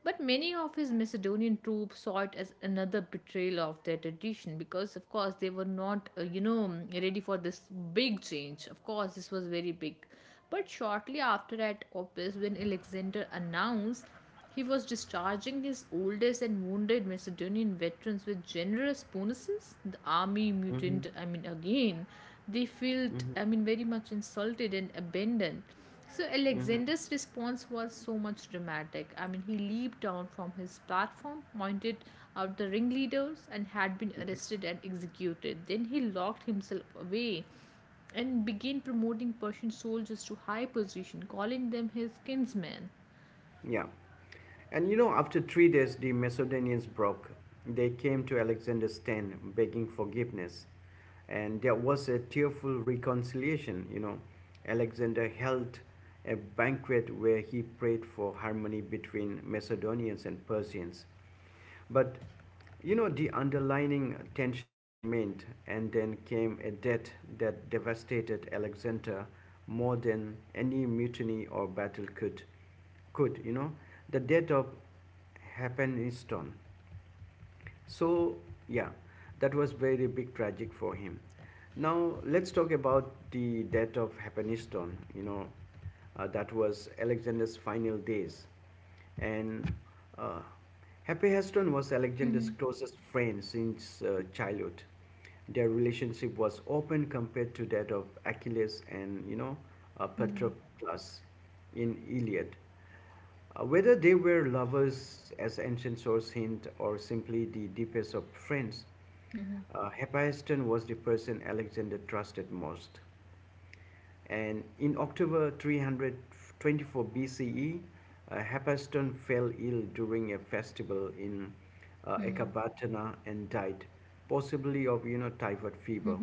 Speaker 2: But many of his Macedonian troops saw it as another betrayal of their tradition because, of course, they were not, ready for this big change. Of course, this was very big. But shortly after at Opus, when Alexander announced he was discharging his oldest and wounded Macedonian veterans with generous bonuses, the army
Speaker 1: hmm
Speaker 2: mutinied. Again, they felt, very much insulted and abandoned. So
Speaker 1: hmm
Speaker 2: Alexander's response was so much dramatic. He leaped down from his platform, pointed out the ringleaders, and had been
Speaker 1: hmm
Speaker 2: arrested and executed. Then he locked himself away and began promoting Persian soldiers to high position, calling them his kinsmen.
Speaker 1: Yeah. And you know, after three days, the Macedonians broke. They came to Alexander's tent begging forgiveness. And there was a tearful reconciliation. You know, Alexander held a banquet where he prayed for harmony between Macedonians and Persians. But you know, the underlining tensions remained, and then came a death that devastated Alexander more than any mutiny or battle could. Could you know, the death of Hephaestion? So, yeah, that was very big tragic for him. Now let's talk about the death of Hephaestion. You know, that was Alexander's final days, and uh, Hephaestion was Alexander's closest friend since childhood. Their relationship was open compared to that of Achilles and, you know, Patroclus in Iliad. Whether they were lovers, as ancient sources hint, or simply the deepest of friends, Hephaestion was the person Alexander trusted most. And in October 324 BCE, Hephaestion fell ill during a festival in Ecbatana and died, possibly of typhoid fever.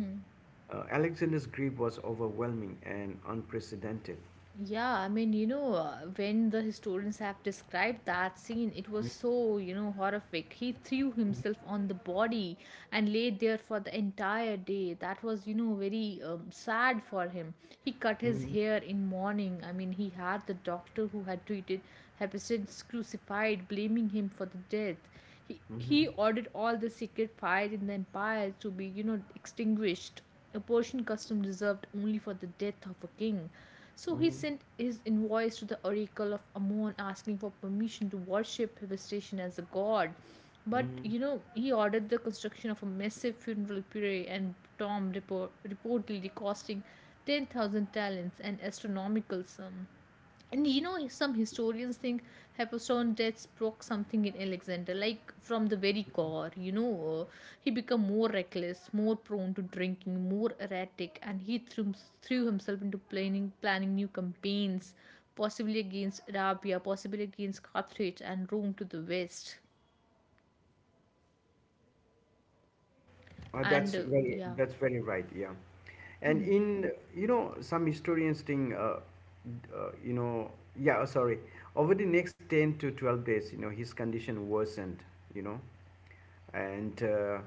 Speaker 1: Alexander's grief was overwhelming and unprecedented.
Speaker 2: Yeah, when the historians have described that scene, it was
Speaker 1: Mhm.
Speaker 2: so, horrific. He threw himself on the body and laid there for the entire day. That was, very sad for him. He cut his
Speaker 1: Hmm.
Speaker 2: hair in mourning. He had the doctor who had treated Hephaestus crucified, blaming him for the death.
Speaker 1: Hmm.
Speaker 2: He ordered all the secret fire in the empire to be, extinguished. A portion custom reserved only for the death of a king. So he
Speaker 1: Hmm.
Speaker 2: sent his invoice to the oracle of Ammon asking for permission to worship Hephaestion as a god. But
Speaker 1: Mhm.
Speaker 2: you know, he ordered the construction of a massive funeral pyre and reportedly costing 10,000 talents, an astronomical sum. And you know, some historians think Hephaestion's death sparked something in Alexander, like from the very core. He became more reckless, more prone to drinking, more erratic, and threw himself into planning new campaigns, possibly against Arabia, possibly against Carthage and Rome to the west.
Speaker 1: Uh, that's
Speaker 2: And
Speaker 1: very that's very right. Yeah, and in you know some historians think you know yeah sorry over the next 10 to 12 days his condition worsened, you know, and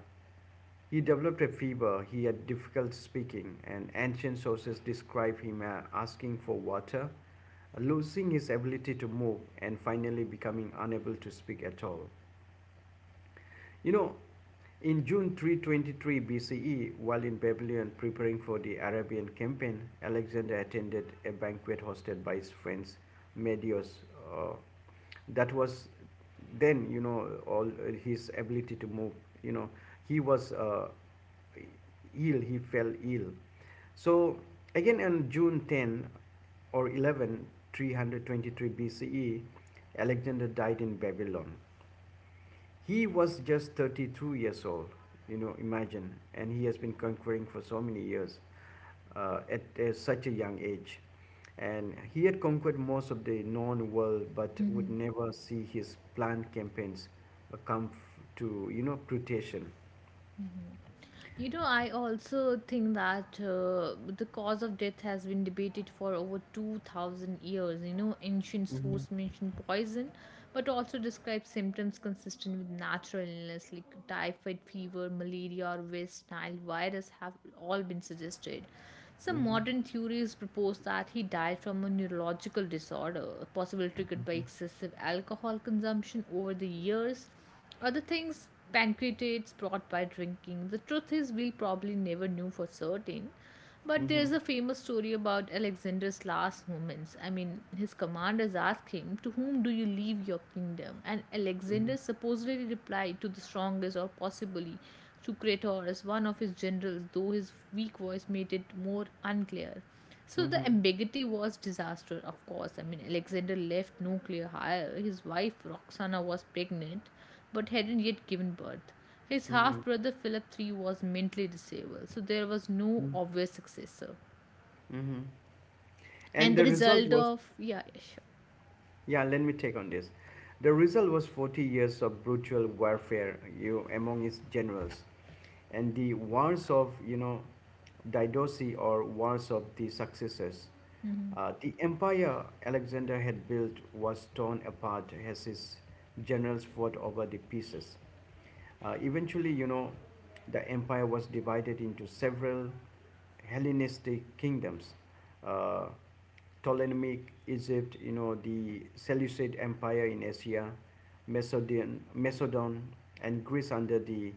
Speaker 1: he developed a fever. He had difficult speaking, and ancient sources describe him asking for water, losing his ability to move, and finally becoming unable to speak at all. You know, in June 323 BCE, while in Babylon preparing for the Arabian campaign, Alexander attended a banquet hosted by his friends Medios. Uh, that was then, all his ability to move. You know, he was he fell ill. So, again on June 10 or 11, 323 BCE, Alexander died in Babylon. He was just 32 years old, you know, imagine, and he has been conquering for so many years at such a young age. And he had conquered most of the known world, but would never see his planned campaigns come to fruition.
Speaker 2: you know, I also think that the cause of death has been debated for over 2000 years. You know, ancient
Speaker 1: Mm-hmm.
Speaker 2: source mention poison, but also describe symptoms consistent with natural illness like typhoid fever, malaria, or West Nile virus have all been suggested. Some
Speaker 1: Mm-hmm.
Speaker 2: modern theories propose that he died from a neurological disorder, possibly triggered by excessive alcohol consumption over the years. Other things, pancreatitis brought by drinking. The truth is, we'll probably never know for certain. But
Speaker 1: Mm-hmm.
Speaker 2: there's a famous story about Alexander's last moments. His commanders asked him, to whom do you leave your kingdom? And Alexander supposedly replied, to the strongest, or possibly Sucrator, one of his generals, though his weak voice made it more unclear. So
Speaker 1: Mm-hmm.
Speaker 2: the
Speaker 1: Mm-hmm.
Speaker 2: ambiguity was disaster, of course. Alexander left no clear heir. His wife Roxana was pregnant, but hadn't yet given birth. His
Speaker 1: Mm-hmm.
Speaker 2: half brother Philip III was mentally disabled, so there was no
Speaker 1: Mm-hmm.
Speaker 2: obvious successor.
Speaker 1: Mm-hmm. And
Speaker 2: And the
Speaker 1: the result
Speaker 2: result
Speaker 1: was.
Speaker 2: of yeah, yeah,
Speaker 1: Yeah, let me take on this. The result was 40 years of brutal warfare you, among his generals. And the wars of, Didosi, or wars of the successors. The empire Alexander had built was torn apart as his generals fought over the pieces. Eventually, the empire was divided into several Hellenistic kingdoms. Uh, Ptolemaic Egypt, the Seleucid Empire in Asia, Macedon and Greece under the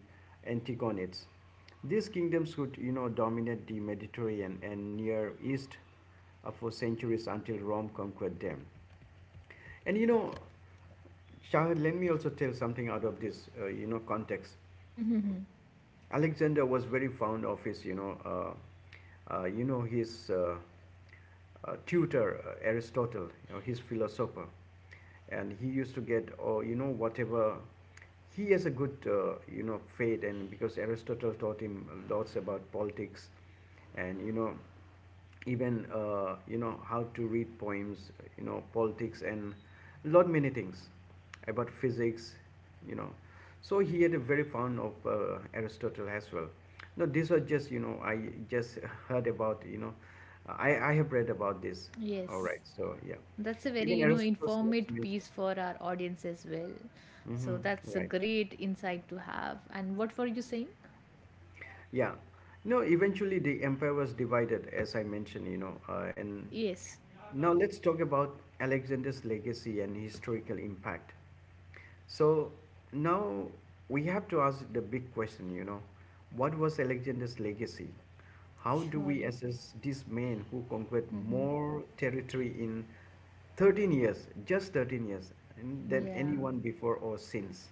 Speaker 1: Antigonids. These kingdoms would, dominate the Mediterranean and Near East for centuries until Rome conquered them. And Shahid, let me also tell something out of this, context.
Speaker 2: sure.
Speaker 1: Alexander was very fond of his, his tutor Aristotle, his philosopher, and he used to get, or whatever. He has a good, fate, and because Aristotle taught him lots about politics, and you know even you know how to read poems, politics, and lot many things about physics, you know so he had a very fond of Aristotle as well. No this was just you know I just heard about, I have read about this.
Speaker 2: <laughs>
Speaker 1: All
Speaker 2: Yes.
Speaker 1: right, so yeah,
Speaker 2: That's a very,
Speaker 1: even Aristotle notes
Speaker 2: informative piece
Speaker 1: mentioned.
Speaker 2: for our audience as well. So
Speaker 1: Mm-hmm.
Speaker 2: that's a
Speaker 1: Right.
Speaker 2: great insight to have. And what were you saying?
Speaker 1: Yeah. No, eventually the empire was divided, as I mentioned, you know. And
Speaker 2: Yes,
Speaker 1: now let's talk about Alexander's legacy and historical impact. So now we have to ask the big question, what was Alexander's legacy? How do we
Speaker 2: surely.
Speaker 1: assess this man who conquered more territory in 13 years, just 13 years, than
Speaker 2: Yeah.
Speaker 1: anyone before or since?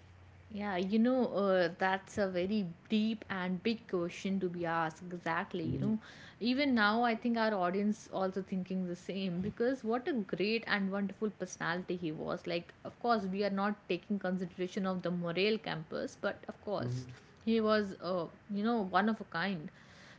Speaker 2: Yeah, that's a very deep and big question to be asked. Exactly. You
Speaker 1: Mm-hmm.
Speaker 2: know, even now, I think our audience also thinking the same because what a great and wonderful personality he was. Like, of course, we are not taking consideration of the Morel campus, but of
Speaker 1: Mm-hmm.
Speaker 2: course, he was, one of a kind.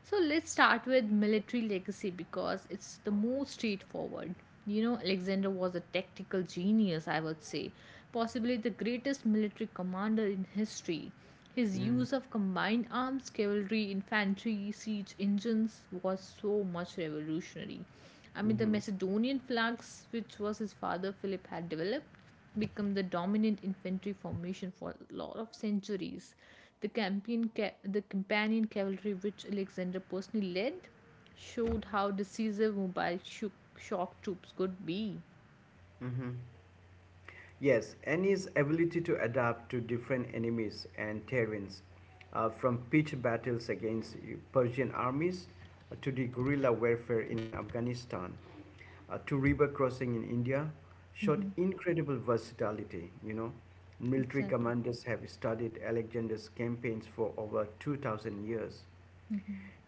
Speaker 2: So let's start with military legacy because it's the most straightforward. You know, Alexander was a tactical genius, I would say, possibly the greatest military commander in history. His use of combined arms, cavalry, infantry, siege engines was so much revolutionary. The
Speaker 1: Mm-hmm.
Speaker 2: Macedonian flags, which was his father Philip had developed, become the dominant infantry formation for a lot of centuries. The companion cavalry which Alexander personally led showed how decisive shock troops could be.
Speaker 1: Mm-hmm. Yes, Annie's ability to adapt to different enemies and terrains, from pitched battles against Persian armies, to the guerrilla warfare in Afghanistan, to river crossing in India, showed
Speaker 2: Hmm.
Speaker 1: incredible versatility. You know, military
Speaker 2: Exactly.
Speaker 1: commanders have studied Alexander's campaigns for over 2,000 years.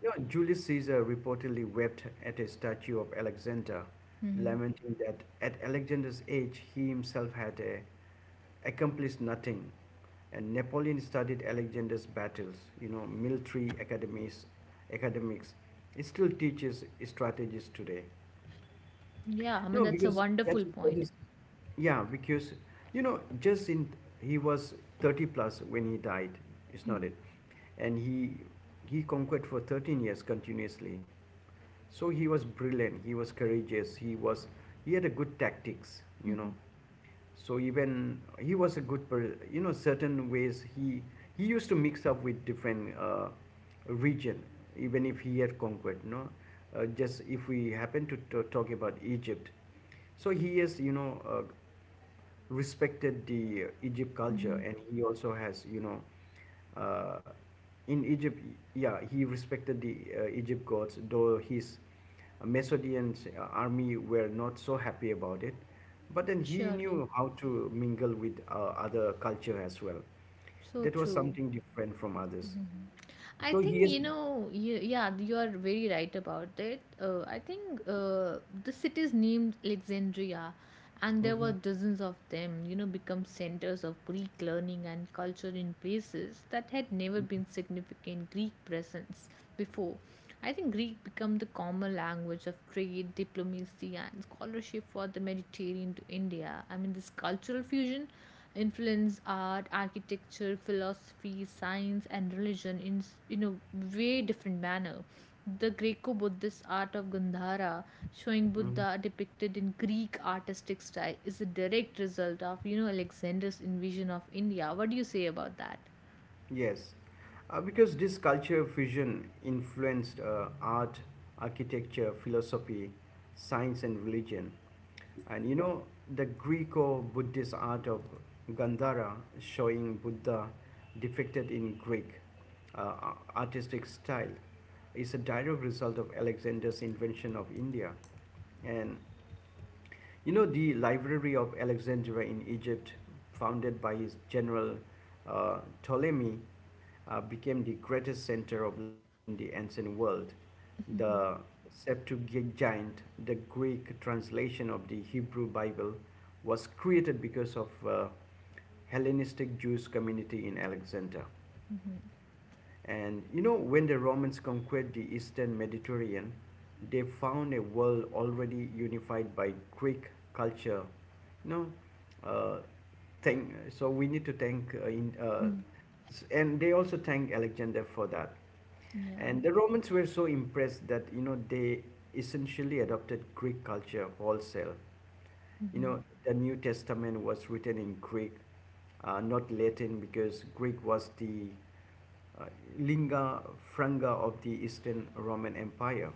Speaker 1: You know, Julius Caesar reportedly wept at a statue of Alexander,
Speaker 2: Mm-hmm.
Speaker 1: lamenting that at Alexander's age he himself had accomplished nothing. And Napoleon studied Alexander's battles, military academies, academics. It still teaches strategies today.
Speaker 2: Yeah, I mean
Speaker 1: No,
Speaker 2: that's a
Speaker 1: because
Speaker 2: wonderful
Speaker 1: that
Speaker 2: point.
Speaker 1: is, yeah, because you know, just in he was 30 plus when he died. It's not it, and he conquered for 13 years continuously. So he was brilliant. He was courageous. He was he had a good tactics. You know so even he was a good per certain ways he used to mix up with different region even if he had conquered. You know just If we happen to talk about Egypt, so he has, respected the Egypt culture,
Speaker 2: Mm-hmm.
Speaker 1: and he also has, uh, in Egypt, yeah, he respected the Egypt gods, though his Macedonian army were not so happy about it. But then he
Speaker 2: Surely.
Speaker 1: knew how to mingle with other culture as well.
Speaker 2: So
Speaker 1: That was
Speaker 2: true.
Speaker 1: something different from others.
Speaker 2: I
Speaker 1: So he
Speaker 2: think
Speaker 1: is.
Speaker 2: you know, yeah, you are very right about it. I think the city is named Alexandria, and there were
Speaker 1: Mhm.
Speaker 2: dozens of them, you know, become centers of Greek learning and culture in places that had never been significant Greek presence before. I think Greek became the common language of trade, diplomacy, and scholarship for the Mediterranean to India. This cultural fusion influenced art, architecture, philosophy, science, and religion in in a way different manner. The Greco-Buddhist art of Gandhara, showing
Speaker 1: Mhm.
Speaker 2: Buddha depicted in Greek artistic style, is a direct result of you know Alexander's invasion of India. What do you say about that?
Speaker 1: Yes, because this culture fusion influenced art, architecture, philosophy, science, and religion. And the Greco Buddhist art of Gandhara, showing Buddha depicted in Greek uh, artistic style, is a direct result of Alexander's invention of India. And the Library of Alexandria in Egypt, founded by his general Ptolemy, became the greatest center of learning in the ancient world. The Septuagint, the Greek translation of the Hebrew Bible, was created because of Hellenistic Jewish community in Alexandria. And when the Romans conquered the eastern Mediterranean, they found a world already unified by Greek culture. You know, uh, so we need to thank, and they also thank Alexander for that.
Speaker 2: Yeah.
Speaker 1: And the Romans were so impressed that they essentially adopted Greek culture wholesale. You know, the New Testament was written in Greek, not Latin, because Greek was the uh, lingua franca of the Eastern Roman Empire.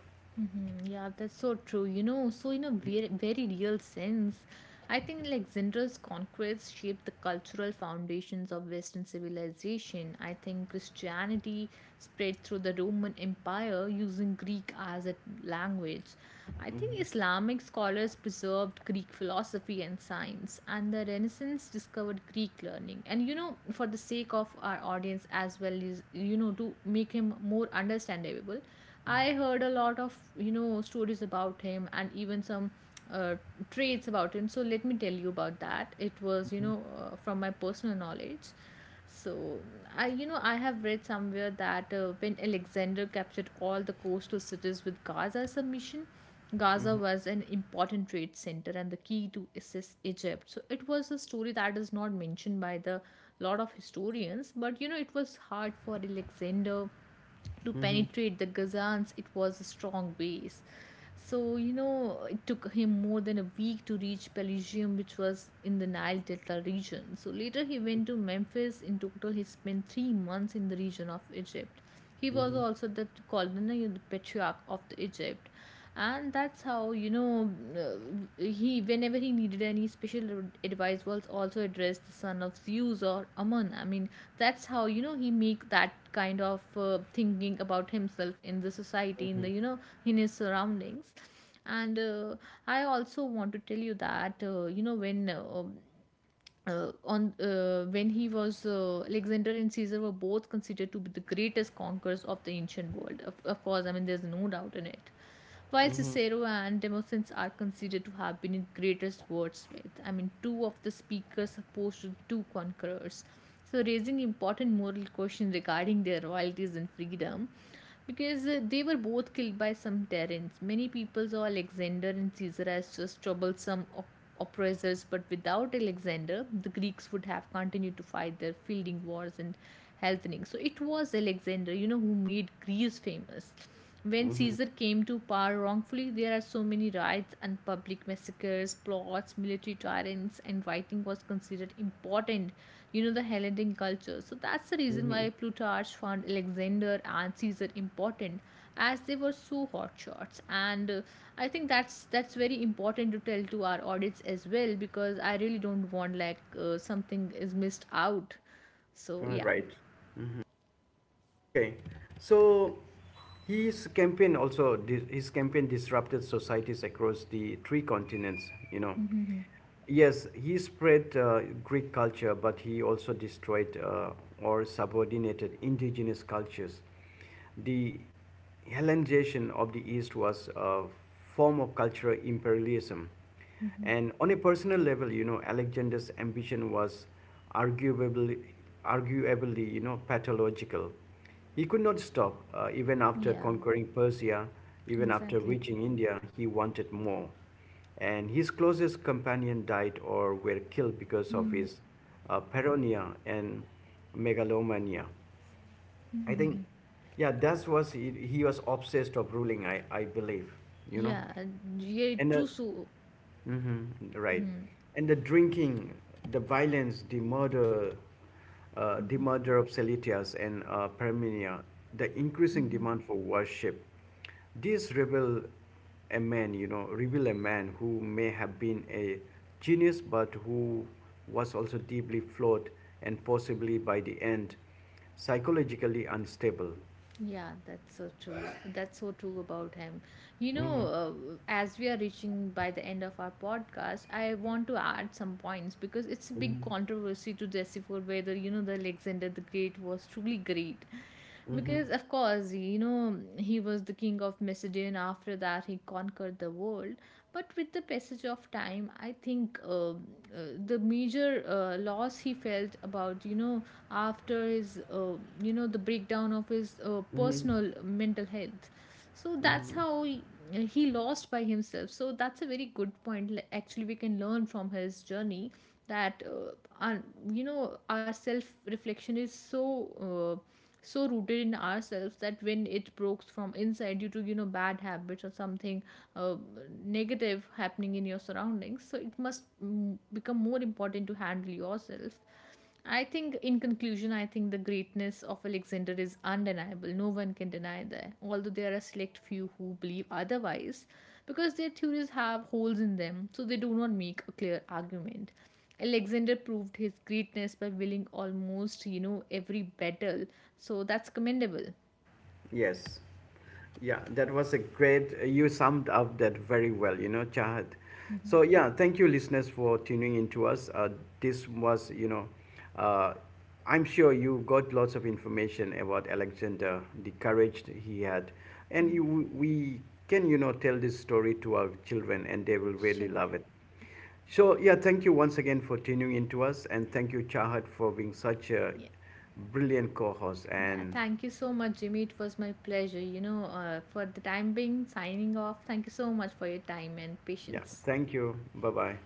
Speaker 2: Mm, yeah, that's so true. You know, so in a very, very real sense, I think like Zindra's conquests shaped the cultural foundations of Western civilization. I think Christianity spread through the Roman Empire using Greek as a language. I think
Speaker 1: Mhm.
Speaker 2: Islamic scholars preserved Greek philosophy and science, and the Renaissance discovered Greek learning. And you know, for the sake of our audience as well is you know, to make him more understandable, I heard a lot of you know stories about him and even some uh, traits about him. So let me tell you about that. It was you
Speaker 1: Mhm.
Speaker 2: know from my personal knowledge. So I you know I have read somewhere that when Alexander captured all the coastal cities with Gaza as a mission, Gaza
Speaker 1: Mhm.
Speaker 2: was an important trade center and the key to assist Egypt. So it was a story that is not mentioned by the lot of historians, but you know it was hard for Alexander to
Speaker 1: Mhm.
Speaker 2: penetrate the Ghazans, it was a strong base. So, you know, it took him more than a week to reach Pelusium, which was in the Nile Delta region. So, later he went to Memphis. In total, he spent 3 months in the region of Egypt. He was
Speaker 1: Mhm.
Speaker 2: also the colony, the patriarch of the Egypt. And that's how, he, whenever he needed any special advice, was also addressed the son of Zeus or Ammon. That's how you know he make that kind of thinking about himself in the society in the you know in his surroundings and I also want to tell you that you know when on when he was Alexander and Caesar were both considered to be the greatest conquerors of the ancient world. Of course, there's no doubt in it. While
Speaker 1: Mhm.
Speaker 2: Cicero and Demosthenes are considered to have been the greatest wordsmith, two of the speakers opposed to the two conquerors, so raising important moral questions regarding their royalties and freedom because they were both killed by some tyrants. Many people saw Alexander and Caesar as just troublesome oppressors, but without Alexander, the Greeks would have continued to fight their fielding wars and healthening. So it was Alexander, you know, who made Greece famous. When
Speaker 1: Mhm.
Speaker 2: Caesar came to power wrongfully, there are so many riots and public massacres, plots, military tyrants, and writing was considered important. You know, the Hellenic culture. So that's the reason why Plutarch found Alexander and Caesar important, as they were so hot shots. And I think that's very important to tell to our audience as well, because I really don't want like something is missed out. So
Speaker 1: All
Speaker 2: yeah,
Speaker 1: right. Okay, so his campaign disrupted societies across the three continents. You know, yes, he spread Greek culture, but he also destroyed or subordinated indigenous cultures. The Hellenization of the East was a form of cultural imperialism. And on a personal level, Alexander's ambition was arguably, arguably, pathological. He could not stop, even after
Speaker 2: yeah,
Speaker 1: conquering Persia, even after
Speaker 2: exactly.
Speaker 1: reaching India, he wanted more. And his closest companion died or were killed because of his paranoia and megalomania. I think, yeah, that was he was obsessed of ruling. I believe, you know.
Speaker 2: Yeah, yeah,
Speaker 1: And
Speaker 2: true.
Speaker 1: the.
Speaker 2: So
Speaker 1: Mm-hmm. Right. And the drinking, the violence, the murder of Celetias and Parmenia, the increasing demand for worship. These reveal a man, you know, reveal a man who may have been a genius, but who was also deeply flawed, and possibly by the end psychologically unstable.
Speaker 2: yeah, that's so true. That's so true about him. You know, as we are reaching by the end of our podcast, I want to add some points because it's a big
Speaker 1: Mm-hmm.
Speaker 2: controversy to decipher whether, you know, the Alexander the Great was truly great. Because, of course, you know, he was the king of Macedon. After that, he conquered the world. But with the passage of time, I think the major loss he felt about, you know, after his you know the breakdown of his personal mental health, so that's how he lost by himself. So that's a very good point. Like, actually we can learn from his journey that our, you know our self reflection is so so rooted in ourselves that when it broke from inside due to you know bad habits or something uh, negative happening in your surroundings, so it must become more important to handle yourself. I think in conclusion I think the greatness of Alexander is undeniable, no one can deny that, although there are a select few who believe otherwise because their theories have holes in them, so they do not make a clear argument. Alexander proved his greatness by winning almost, you know, every battle. So that's commendable.
Speaker 1: Yes. Yeah, that was a great, you summed up that very well, you know, Chahat. So, yeah, thank you, listeners, for tuning in to us. This was, uh, I'm sure you got lots of information about Alexander, the courage that he had. We can, tell this story to our children, and they will really
Speaker 2: Sure.
Speaker 1: love it. So, yeah, thank you once again for tuning in to us, and thank you, Chahat, for being such a
Speaker 2: Yeah.
Speaker 1: brilliant co host.
Speaker 2: Yeah,
Speaker 1: And
Speaker 2: thank you so much, Jimmy. It was my pleasure. You know, for the time being, signing off. Thank you so much for your time and
Speaker 1: yeah,
Speaker 2: patience.
Speaker 1: thank you. Bye bye.